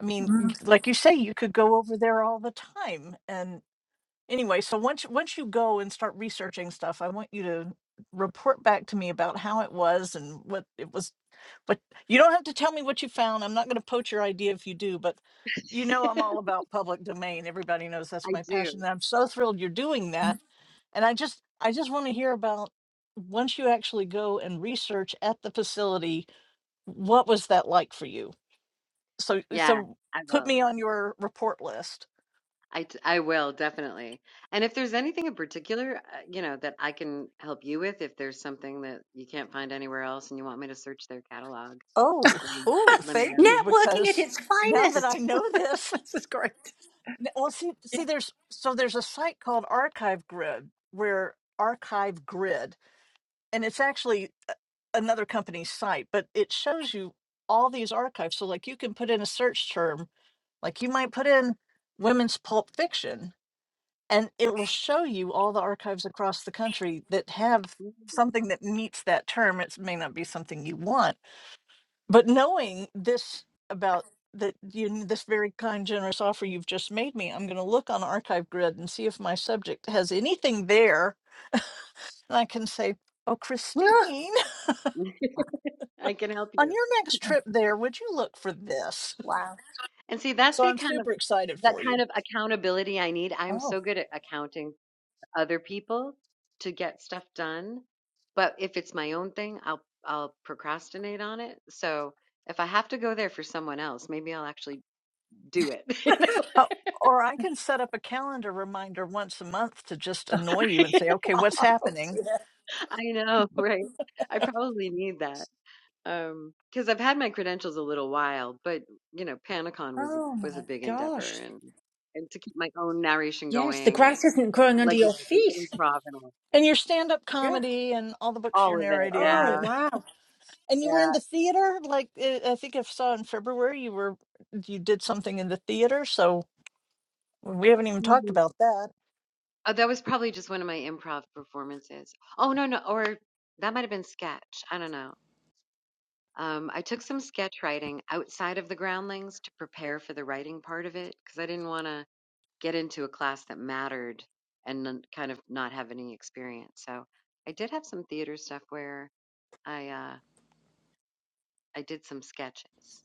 I mean, y- mm. like you say, you could go over there all the time and anyway, so once once you go and start researching stuff, I want you to report back to me about how it was and what it was. But you don't have to tell me what you found. I'm not going to poach your idea if you do, but you know I'm all about public domain. Everybody knows that's I my passion. do. And I'm so thrilled you're doing that. And I just I just want to hear about once you actually go and research at the facility, what was that like for you? So Yeah, so I put me will. on your report list. I, t- I will definitely. And if there's anything in particular, uh, you know, that I can help you with, if there's something that you can't find anywhere else and you want me to search their catalog, Oh, let me oh, let me thank know. you. Networking at Because its now that I finest. know this, this is great. n- well, see, see, there's so there's a site called Archive Grid where Archive Grid, and it's actually a- another company's site, but it shows you all these archives. So, like, you can put in a search term, like you might put in women's pulp fiction, and it will show you all the archives across the country that have Mm, something that meets that term. It may not be something you want But knowing this about that you this very kind, generous offer you've just made me, I'm going to look on Archive Grid and see if my subject has anything there, and I can say, "Oh, Christine, I can help on you. your next trip there, would you look for this?" Wow. And see, that's So the I'm kind of super excited that for kind you. of accountability I need. I'm Oh, so good at accounting for other people to get stuff done, but if it's my own thing, I'll I'll procrastinate on it. So if I have to go there for someone else, maybe I'll actually do it. You know? Oh, Or I can set up a calendar reminder once a month to just annoy you and say, "Okay, what's happening?" yeah. I know, right? I probably need that. Um, because I've had my credentials a little while, but you know, Panicon was Oh was a my big endeavor, gosh. and and to keep my own narration Yes, the going, and grass isn't growing under like you your said, the feet. improv and all, And your stand-up Yeah. comedy and all the books you're all of it. narrating Oh and. Yeah, wow. And you were in yeah. the theater, like uh, I think I saw in February you were you did something in the theater, so we haven't even talked Mhm. about that. Oh, that was probably just one of my improv performances. Oh no, no, or that might have been sketch. I don't know. Um, I took some sketch writing outside of the groundlings to prepare for the writing part of it because I didn't want to. get into a class that mattered and then kind of not have any experience. So I did have some theater stuff where I uh, I did some sketches.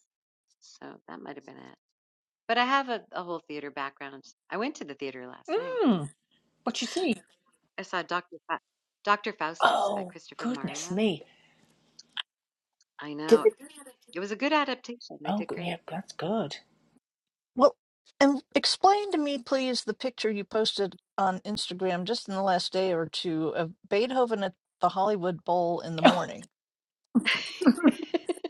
So that might have been it. But I have a, a whole theater background. I went to the theater last night. Mm, what you see? I saw Doctor Fa- Doctor Faustus by Oh Christopher goodness Marlowe. me. I Did know the- it was a good adaptation. They oh, did good. great. That's good. Well, and explain to me, please, the picture you posted on Instagram just in the last day or two of Beethoven at the Hollywood Bowl in the Oh. morning,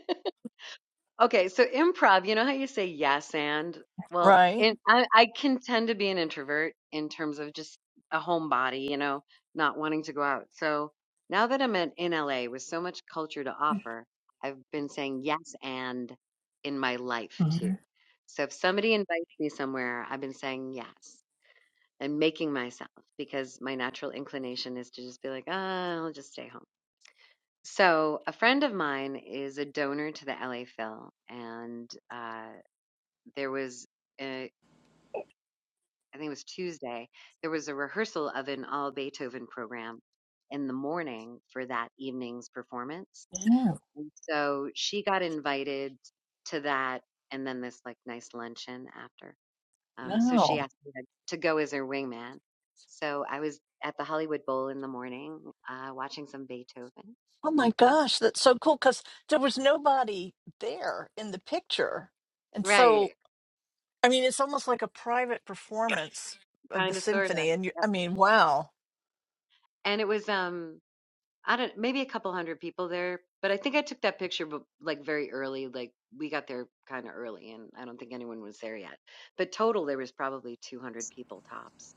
Okay, so improv, you know how you say yes and? Well, right? and I, I can tend to be an introvert in terms of just a homebody, you know, not wanting to go out. So now that I'm at, in LA with so much culture to offer, I've been saying yes and in my life too. Mm, So if somebody invites me somewhere, I've been saying yes and making myself because my natural inclination is to just be like, ah, I'll just stay home. So, a friend of mine is a donor to the LA Phil, and uh, there was, uh, I think it was Tuesday, there was a rehearsal of an all Beethoven program in the morning for that evening's performance. Yeah, And so she got invited to that and then this like nice luncheon after. Um, so she wow. asked me to to go as her wingman. So I was at the Hollywood Bowl in the morning uh, watching some Beethoven. Oh my gosh, that's so cool because there was nobody there in the picture. And Right, so, I mean, it's almost like a private performance of the kind of, sort symphony and of. you i mean wow and it was um I don't maybe a couple hundred people there, but I think I took that picture but like very early, like we got there kind of early and I don't think anyone was there yet. But total there was probably 200 people tops.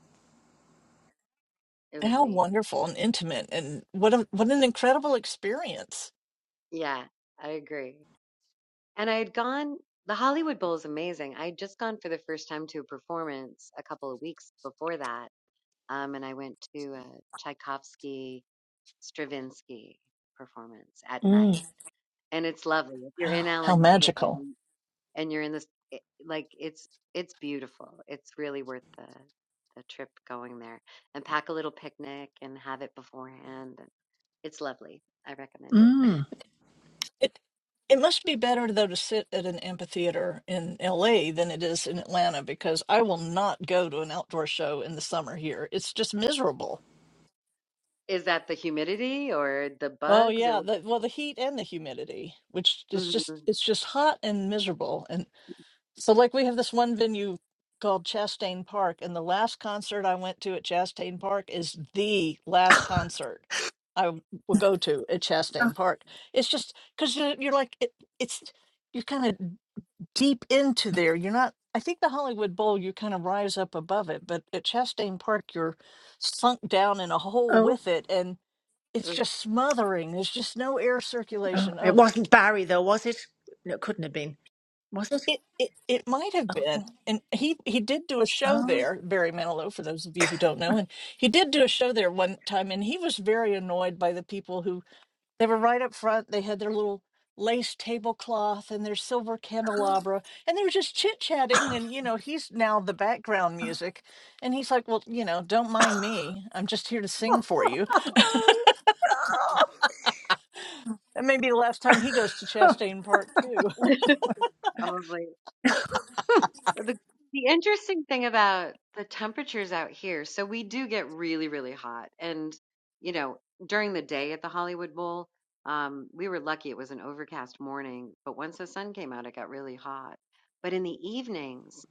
It was How neat. wonderful and intimate, and what a what an incredible experience! Yeah, I agree. And I had gone the Hollywood Bowl is amazing. I had just gone for the first time to a performance a couple of weeks before that. Um, and I went to a Tchaikovsky Stravinsky performance at night. mm, And it's lovely. If you're in Wow, LA how magical! and and you're in this it, like it's it's beautiful. It's really worth the the trip going there and pack a little picnic and have it beforehand. And It's lovely. I recommend it. mm. It it must be better though to sit at an amphitheater in L.A. than it is in Atlanta because I will not go to an outdoor show in the summer here. It's just miserable. Is that the humidity or the Oh bugs or yeah, what? the, well the heat and the humidity, which is just Mhm. it's just hot and miserable, and. So, like, we have this one venue called Chastain Park, and the last concert I went to at Chastain Park is the last concert I w- will go to at Chastain Park. It's just because you're, you're like, it, it's you're kind of deep into there. You're not. I think the Hollywood Bowl, you kind of rise up above it, but at Chastain Park, you're sunk down in a hole Oh. with it, and it's just smothering. There's just no air Oh, circulation. it Oh, wasn't Barry though, was it? No, it couldn't have been. Was it? It, it it might have been, and he he did do a show Oh. there, Barry Manilow, for those of you who don't know, and he did do a show there one time, and he was very annoyed by the people who they were right up front. They had their little lace tablecloth and their silver candelabra, and they were just chit chatting, and you know he's now the background music, and he's like, well, you know, don't mind me, I'm just here to sing for you. That may be the last time he goes to Chastain Park too. Probably. The the interesting thing about the temperatures out here, so we do get really, really hot. And, you know, during the day at the Hollywood Bowl, um, we were lucky it was an overcast morning, but once the sun came out, it got really hot. But in the evenings,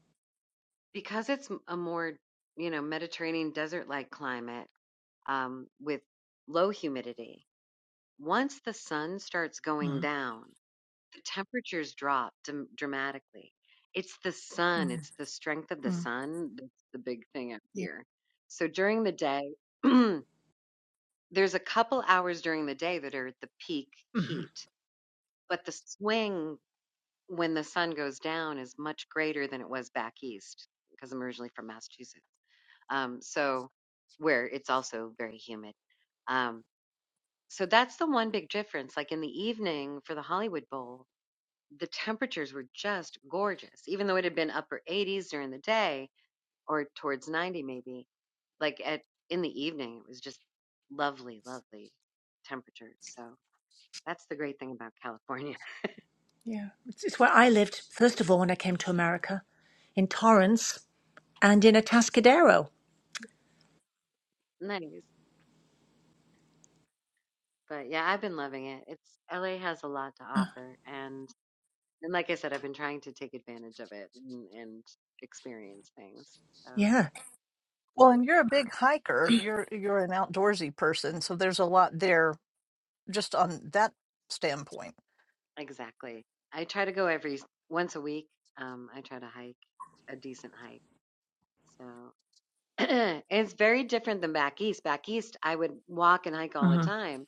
because it's m- a more, you know, Mediterranean desert-like climate, um, with low humidity, once the sun starts going Mm, down, the temperatures drop dam dramatically. It's the sun, mm, it's the strength of the mm. sun that's the big thing up Yeah. here. So during the day, there's a couple hours during the day that are at the peak hmm heat, but the swing when the sun goes down is much greater than it was back east because I'm originally from Massachusetts. Um, so where it's also very humid. Um, so that's the one big difference. Like in the evening for the Hollywood Bowl, the temperatures were just gorgeous, even though it had been upper 80s during the day or towards 90 maybe. Like at in the evening, it was just lovely, lovely temperatures. So that's the great thing about California. Yeah. It's, it's where I lived, first of all, when I came to America, in Torrance and in Atascadero. nice. But yeah, I've been loving it. It's LA has a lot to offer, and and like I said, I've been trying to take advantage of it and, and experience things. So Yeah. Well, and you're a big hiker. You're you're an outdoorsy person, so there's a lot there just on that standpoint. exactly, I try to go every once a week. Um, I try to hike a decent hike. So It's very different than back east. Back east, I would walk and hike all the hmm time,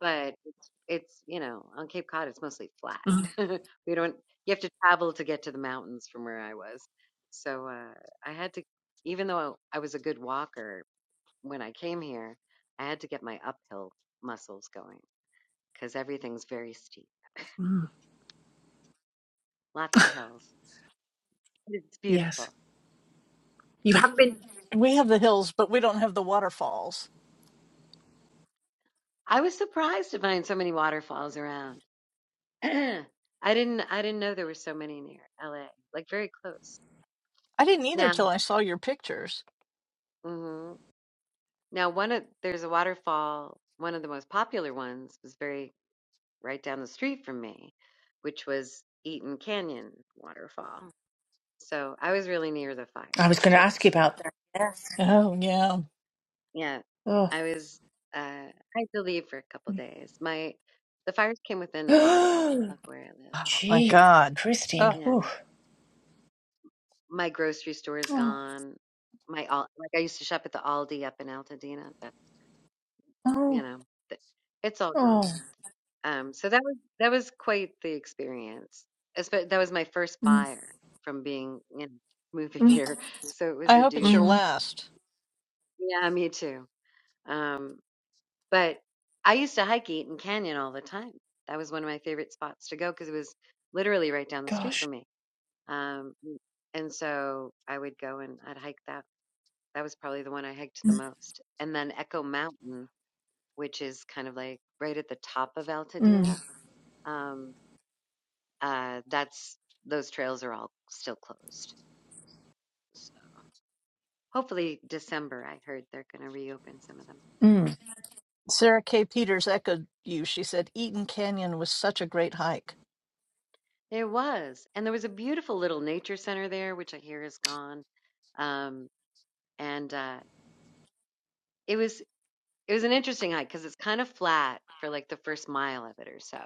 but it's, it's you know, on Cape Cod, it's mostly flat. We don't, you have to travel to get to the mountains from where I was. So uh, I had to, even though I was a good walker when I came here, I had to get my uphill muscles going because everything's very steep, Mm-hmm. lots of hills. It's Yes. beautiful. You haven't been. We have the hills, but we don't have the waterfalls. I was surprised to find so many waterfalls around. I didn't I didn't know there were so many near LA. Like very close. I didn't either Now, till I saw your pictures. hmm now one of there's a waterfall. One of the most popular ones was very right down the street from me, which was Eaton Canyon Waterfall. So I was really near the I was fires going to too. ask you about that. Yes. Oh, yeah. Yeah, Oh. I was. Uh, I had to leave for a couple days. My the fires came within a mile of where I live. Oh, my Gee, God. Christine. Oh, You Ooh. know, my grocery store is Oh. gone. My all like I used to shop at the Aldi up in Altadena. you Oh. know, th- it's all gone. Oh. Um, so that was that was quite the experience. Espe- That was my first Mm, fire from being you know moving mm, here, so it was I a hope it's your doozy. mm. last. Yeah, me too. Um, but I used to hike Eaton Canyon all the time. That was one of my favorite spots to go because it was literally right down the street Gosh. from me. Um, and so I would go and I'd hike that. That was probably the one I hiked the most. And then Echo Mountain, which is kind of like right at the top of Altadena Mm, Um, uh, that's those trails are all still closed. So hopefully, December. I heard they're going to reopen some of them. mm, Sarah K. Peters echoed you. She said, Eaton Canyon was such a great hike. There was, and there was a beautiful little nature center there, which I hear is gone. Um, and uh, it was it was an interesting hike because it's kind of flat for like the first mile of it or so,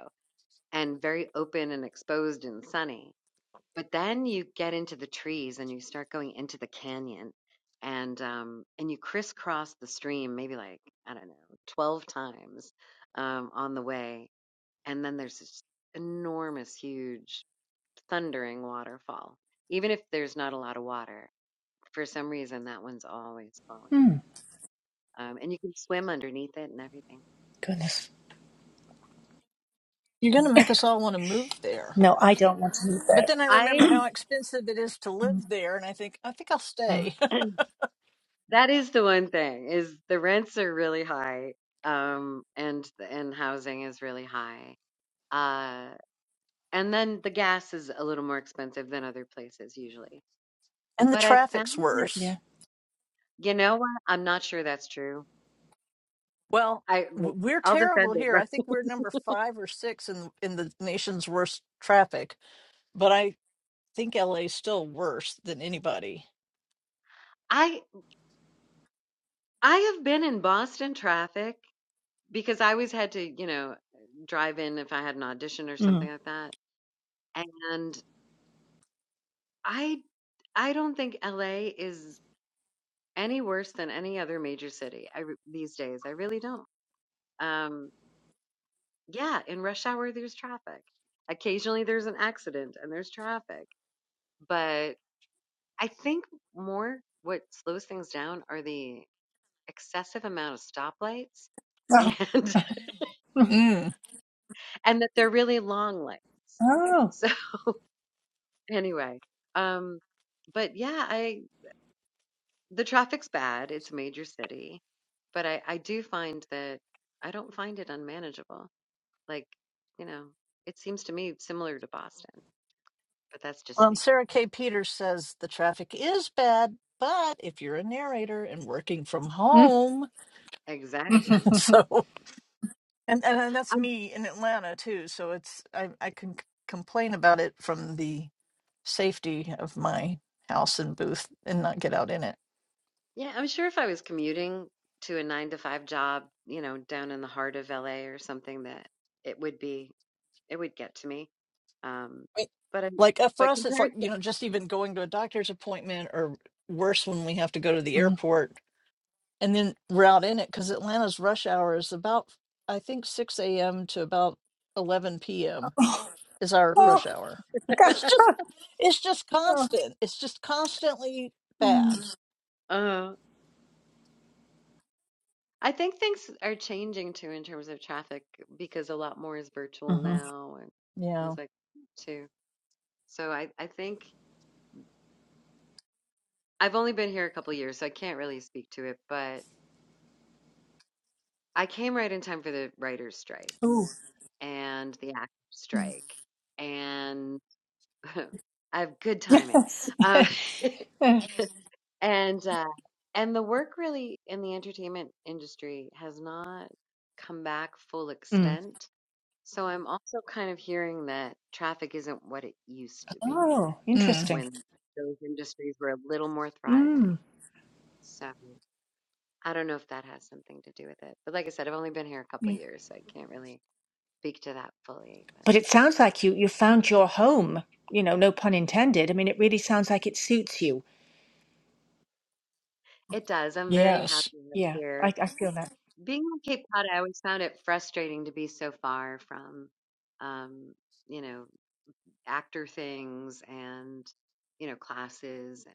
and very open and exposed and sunny But then you get into the trees and you start going into the canyon and um and you crisscross the stream maybe like, I don't know, 12 times um on the way and then there's this enormous huge thundering waterfall. Even if there's not a lot of water, for some reason that one's always flowing. mm. Um and you can swim underneath it and everything. Goodness. You're going to make us all want to move there. No, I don't want to meet But that. then I remember I how expensive it is to live there, and I think, I think I'll Mm, stay. that is the one thing is the rents are really high um and and housing is really high Uh, and then the gas is a little more expensive than other places usually. and the But I found traffic's that, yeah. worse. you know what? I'm not sure that's true. Well, I like, w- we're I'll terrible defend it, here. but I think we're number five or six in in the nation's worst traffic but I think LA is still worse than anybody. I I have been in Boston traffic because I always had to, you know, drive in if I had an audition or Mm. something like that. And I I don't think LA is any worse than any other major city I, re- these days. I really don't. Um, Yeah, in rush hour, there's traffic. Occasionally, there's an accident and there's traffic. But I think more what slows things down are the excessive amount of stoplights and Oh. Mm. Mm. and that they're really long lights. Oh. So anyway, um, but yeah, I the traffic's bad. It's a major city, but I I do find that I don't find it unmanageable. Like, you know, it seems to me similar to Boston, but that's just Well, and me. Sarah K. Peters says the traffic is bad, but if you're a narrator and working from Mm. home, Exactly. so and, and and that's I'm, me in Atlanta too. So it's I I can c- complain about it from the safety of my house and booth and not get out in it. yeah, I'm sure if I was commuting to a nine to five job, you know, down in the heart of LA or something, that it would be, it would get to me. Um, Right. but I'm, Like uh, for but us, it's compared like to, you know just even going to a doctor's appointment, or worse when we have to go to the Mm. airport and then route in it because Atlanta's rush hour is about I think 6 a.m. to about 11 p.m. Oh. is our ooh, Oh, rush hour. God. It's just it's just Oh. constant. It's just constantly Mm. bad. uh, I think things are changing too in terms of traffic because a lot more is virtual Mm-hmm. now and things Yeah. like that too. So I, I think I've only been here a couple years, so I can't really speak to it, but I came right in time for the writer's strike Ooh. and the actors Mm. strike. and. I have good timing. Yes. Um, and uh, and the work really in the entertainment industry has not come back full mm. extent. So I'm also kind of hearing that traffic isn't what it used to be Oh, Mm, interesting. when those industries were a little more thriving. Mm. So I don't know if that has something to do with it. But like I said, I've only been here a couple Yeah. years, so I can't really speak to that fully. But But it sounds like you, you found your home. You know, no pun intended. I mean, it really sounds like it suits you. it does. I'm very yes. happy up Yeah, here. I, I feel that. Being on Cape Cod, I always found it frustrating to be so far from, um, you know, actor things and, you know, classes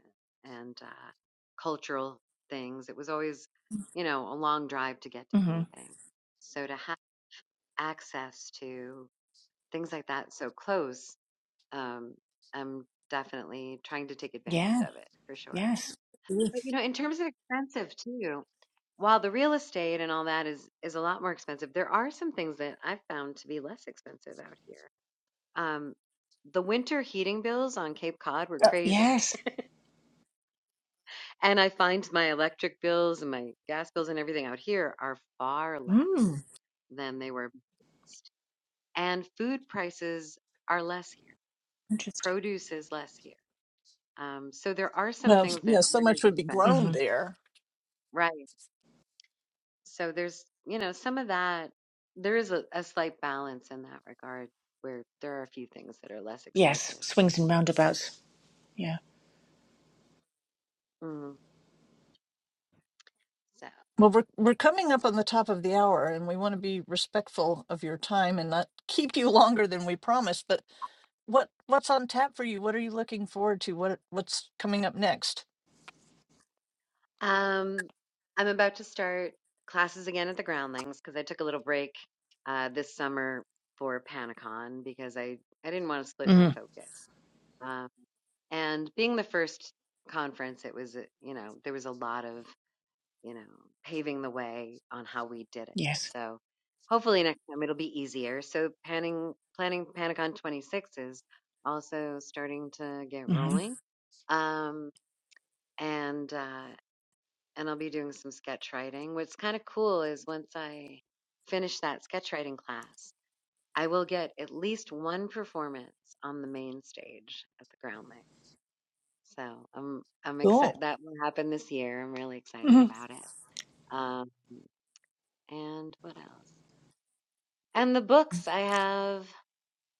and, and uh, cultural things. It was always, you know, a long drive to get to Mm-hmm. anything. So to have access to things like that so close, um, I'm definitely trying to take advantage Yeah, of it for sure. yes. Mm. But you know, in terms of expensive too, while the real estate and all that is is a lot more expensive, there are some things that I've found to be less expensive out here. Um, the winter heating bills on Cape Cod were Uh, crazy, yes. and I find my electric bills and my gas bills and everything out here are far Mm. less than they were. And food prices are less here. Interesting. Produce is less here. Um, so there are some Well, s- things that yeah, so aren't much as would be expensive, Mm-hmm. grown there. right? so there's you know some of that there is a, a slight balance in that regard where there are a few things that are less Yes, expensive swings and roundabouts. Yeah. mm, so Well, we're we're coming up on the top of the hour and we want to be respectful of your time and not keep you longer than we promised, but what what's on tap for you? What are you looking forward to? What what's coming up next? um i'm about to start classes again at the groundlings because i took a little break uh this summer for Panicon because i i didn't want to split my Mm, focus um and being the first conference it was uh, you know there was a lot of you know, paving the way on how we did it. yes. So hopefully next time it'll be easier. So planning planning Panicon 26 is also starting to get hmm rolling. Um, and uh, and I'll be doing some sketch writing. What's kind of cool is once I finish that sketch writing class, I will get at least one performance on the main stage at the Groundling. So I'm I'm Cool. excited that will happen this year. I'm really excited hmm about it. Um, and what else? And the books I have,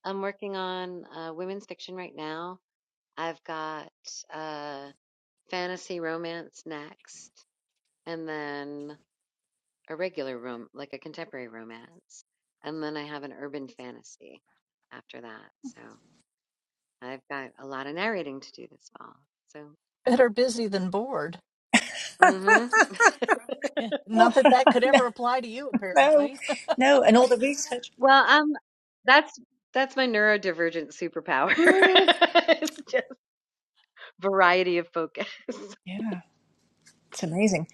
I'm working on uh, women's fiction right now. I've got uh, fantasy romance next, and then a regular rom, like a contemporary romance, and then I have an urban fantasy after that. So I've got a lot of narrating to do this fall. So, Better busy than bored. hmm Yeah, Not that that could ever apply to you, No, apparently. no, and all the research. well, um, that's that's my neurodivergent superpower. Mm, it's just variety of focus. yeah, it's amazing.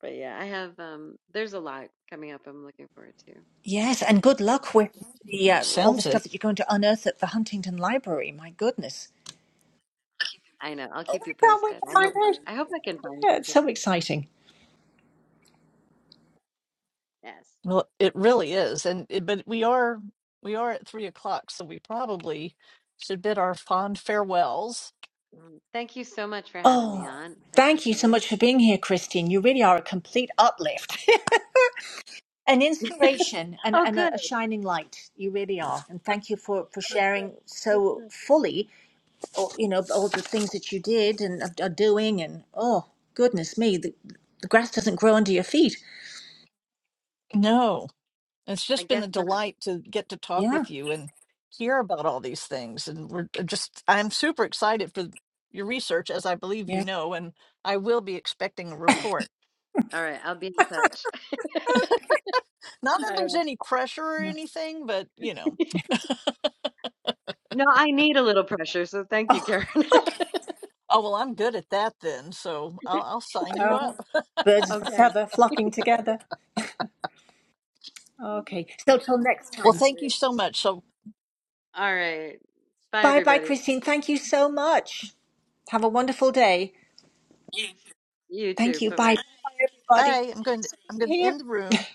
But yeah, I have um there's a lot coming up I'm looking forward to. Yes, and good luck with the uh, all the sounds stuff it. that you're going to unearth at the Huntington Library. My goodness. I know. I'll Oh, keep you I can't wait posted. to I find hope out. I hope I can find Yeah, it's something. so exciting. Yes. Well, it really is, and it, but we are we are at three o'clock, so we probably should bid our fond farewells. Mm. Thank you so much for having me Oh, on. I thank you so appreciate it. much for being here, Christine. You really are a complete uplift, an inspiration, and, Oh and a, good. a shining light. You really are. And thank you for, for sharing Oh, so good. fully all, you know, all the things that you did and are doing, and oh goodness me, the, the grass doesn't grow under your feet. No, it's I just been guess a not. delight to get to talk Yeah, with you and hear about all these things, and we're uh, just I'm super excited for your research, as I believe you yeah. know, and I will be expecting a report. All right, I'll be in touch. Not that All there's right. any pressure or anything, but you know. No, I need a little pressure, so thank you, Oh, Karen. Oh, well, I'm good at that then, so I'll, I'll sign you oh, up. birds of a Okay. feather flocking together. Okay, so till next Well, All time. thank you right. so much. So, All right. Bye Bye, bye, everybody. Christine. Thank you so much. Have a wonderful day. You Thank too. you. Bye bye. Bye, bye, everybody. bye. I'm going to I'm going to Here. end the room.